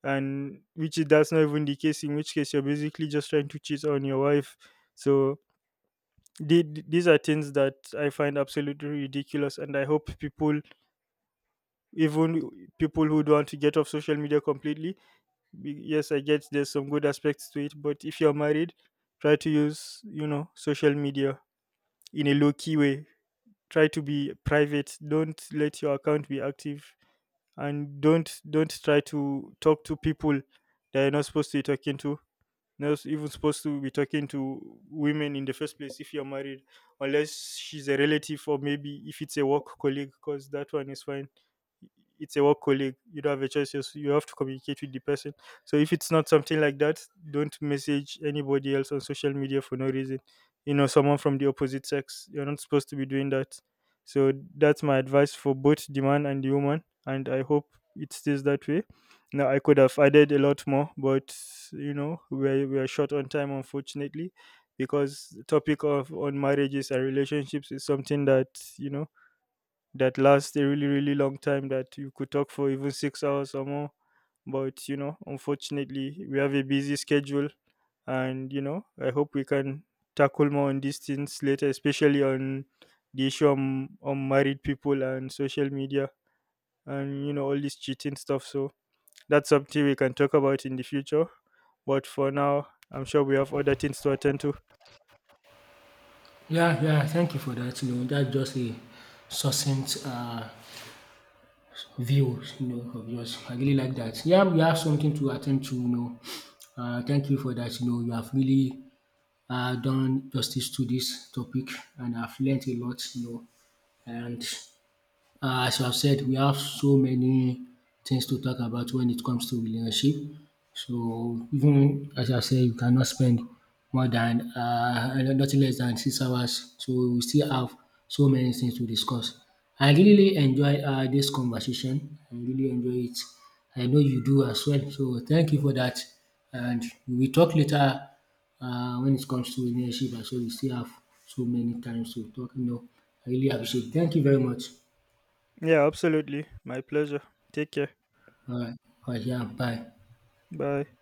and which is that's not even the case. In which case, you're basically just trying to cheat on your wife. So these are things that I find absolutely ridiculous, and I hope people, even people who don't want to get off social media completely, yes, I get there's some good aspects to it, but if you're married, try to use, you know, social media in a low key way, try to be private, don't let your account be active, and don't try to talk to people that you're not supposed to be talking to, not even supposed to be talking to women in the first place if you're married, unless she's a relative, or maybe if it's a work colleague, because that one is fine. It's a work colleague. You don't have a choice. Yes, you have to communicate with the person. So if it's not something like that, don't message anybody else on social media for no reason. You know, someone from the opposite sex. You're not supposed to be doing that. So that's my advice for both the man and the woman, and I hope it stays that way. No, I could have added a lot more, but you know, we're short on time, unfortunately, because the topic of on marriages and relationships is something that, you know, that lasts a really really long time, that you could talk for even 6 hours or more. But you know, unfortunately, we have a busy schedule, and you know, I hope we can tackle more on these things later, especially on the issue on married people and social media, and you know, all this cheating stuff. So that's something we can talk about in the future. But for now, I'm sure we have other things to attend to. Yeah, yeah, thank you for that. You know, that's just a succinct view you know of yours. I really like that. Yeah, we have something to attend to you know. Thank you for that. You know, you have really done justice to this topic and I've learnt a lot you know and as you have said, we have so many things to talk about when it comes to relationship. So even as I said, you cannot spend more than nothing less than 6 hours. So we still have so many things to discuss. I really enjoy this conversation. I really enjoy it. I know you do as well. So thank you for that. And we talk later when it comes to relationship. So we still have so many times to talk. You know, I really appreciate. It. Thank you very much. Yeah, absolutely. My pleasure. Take care. 嗯，好，下拜。Bye.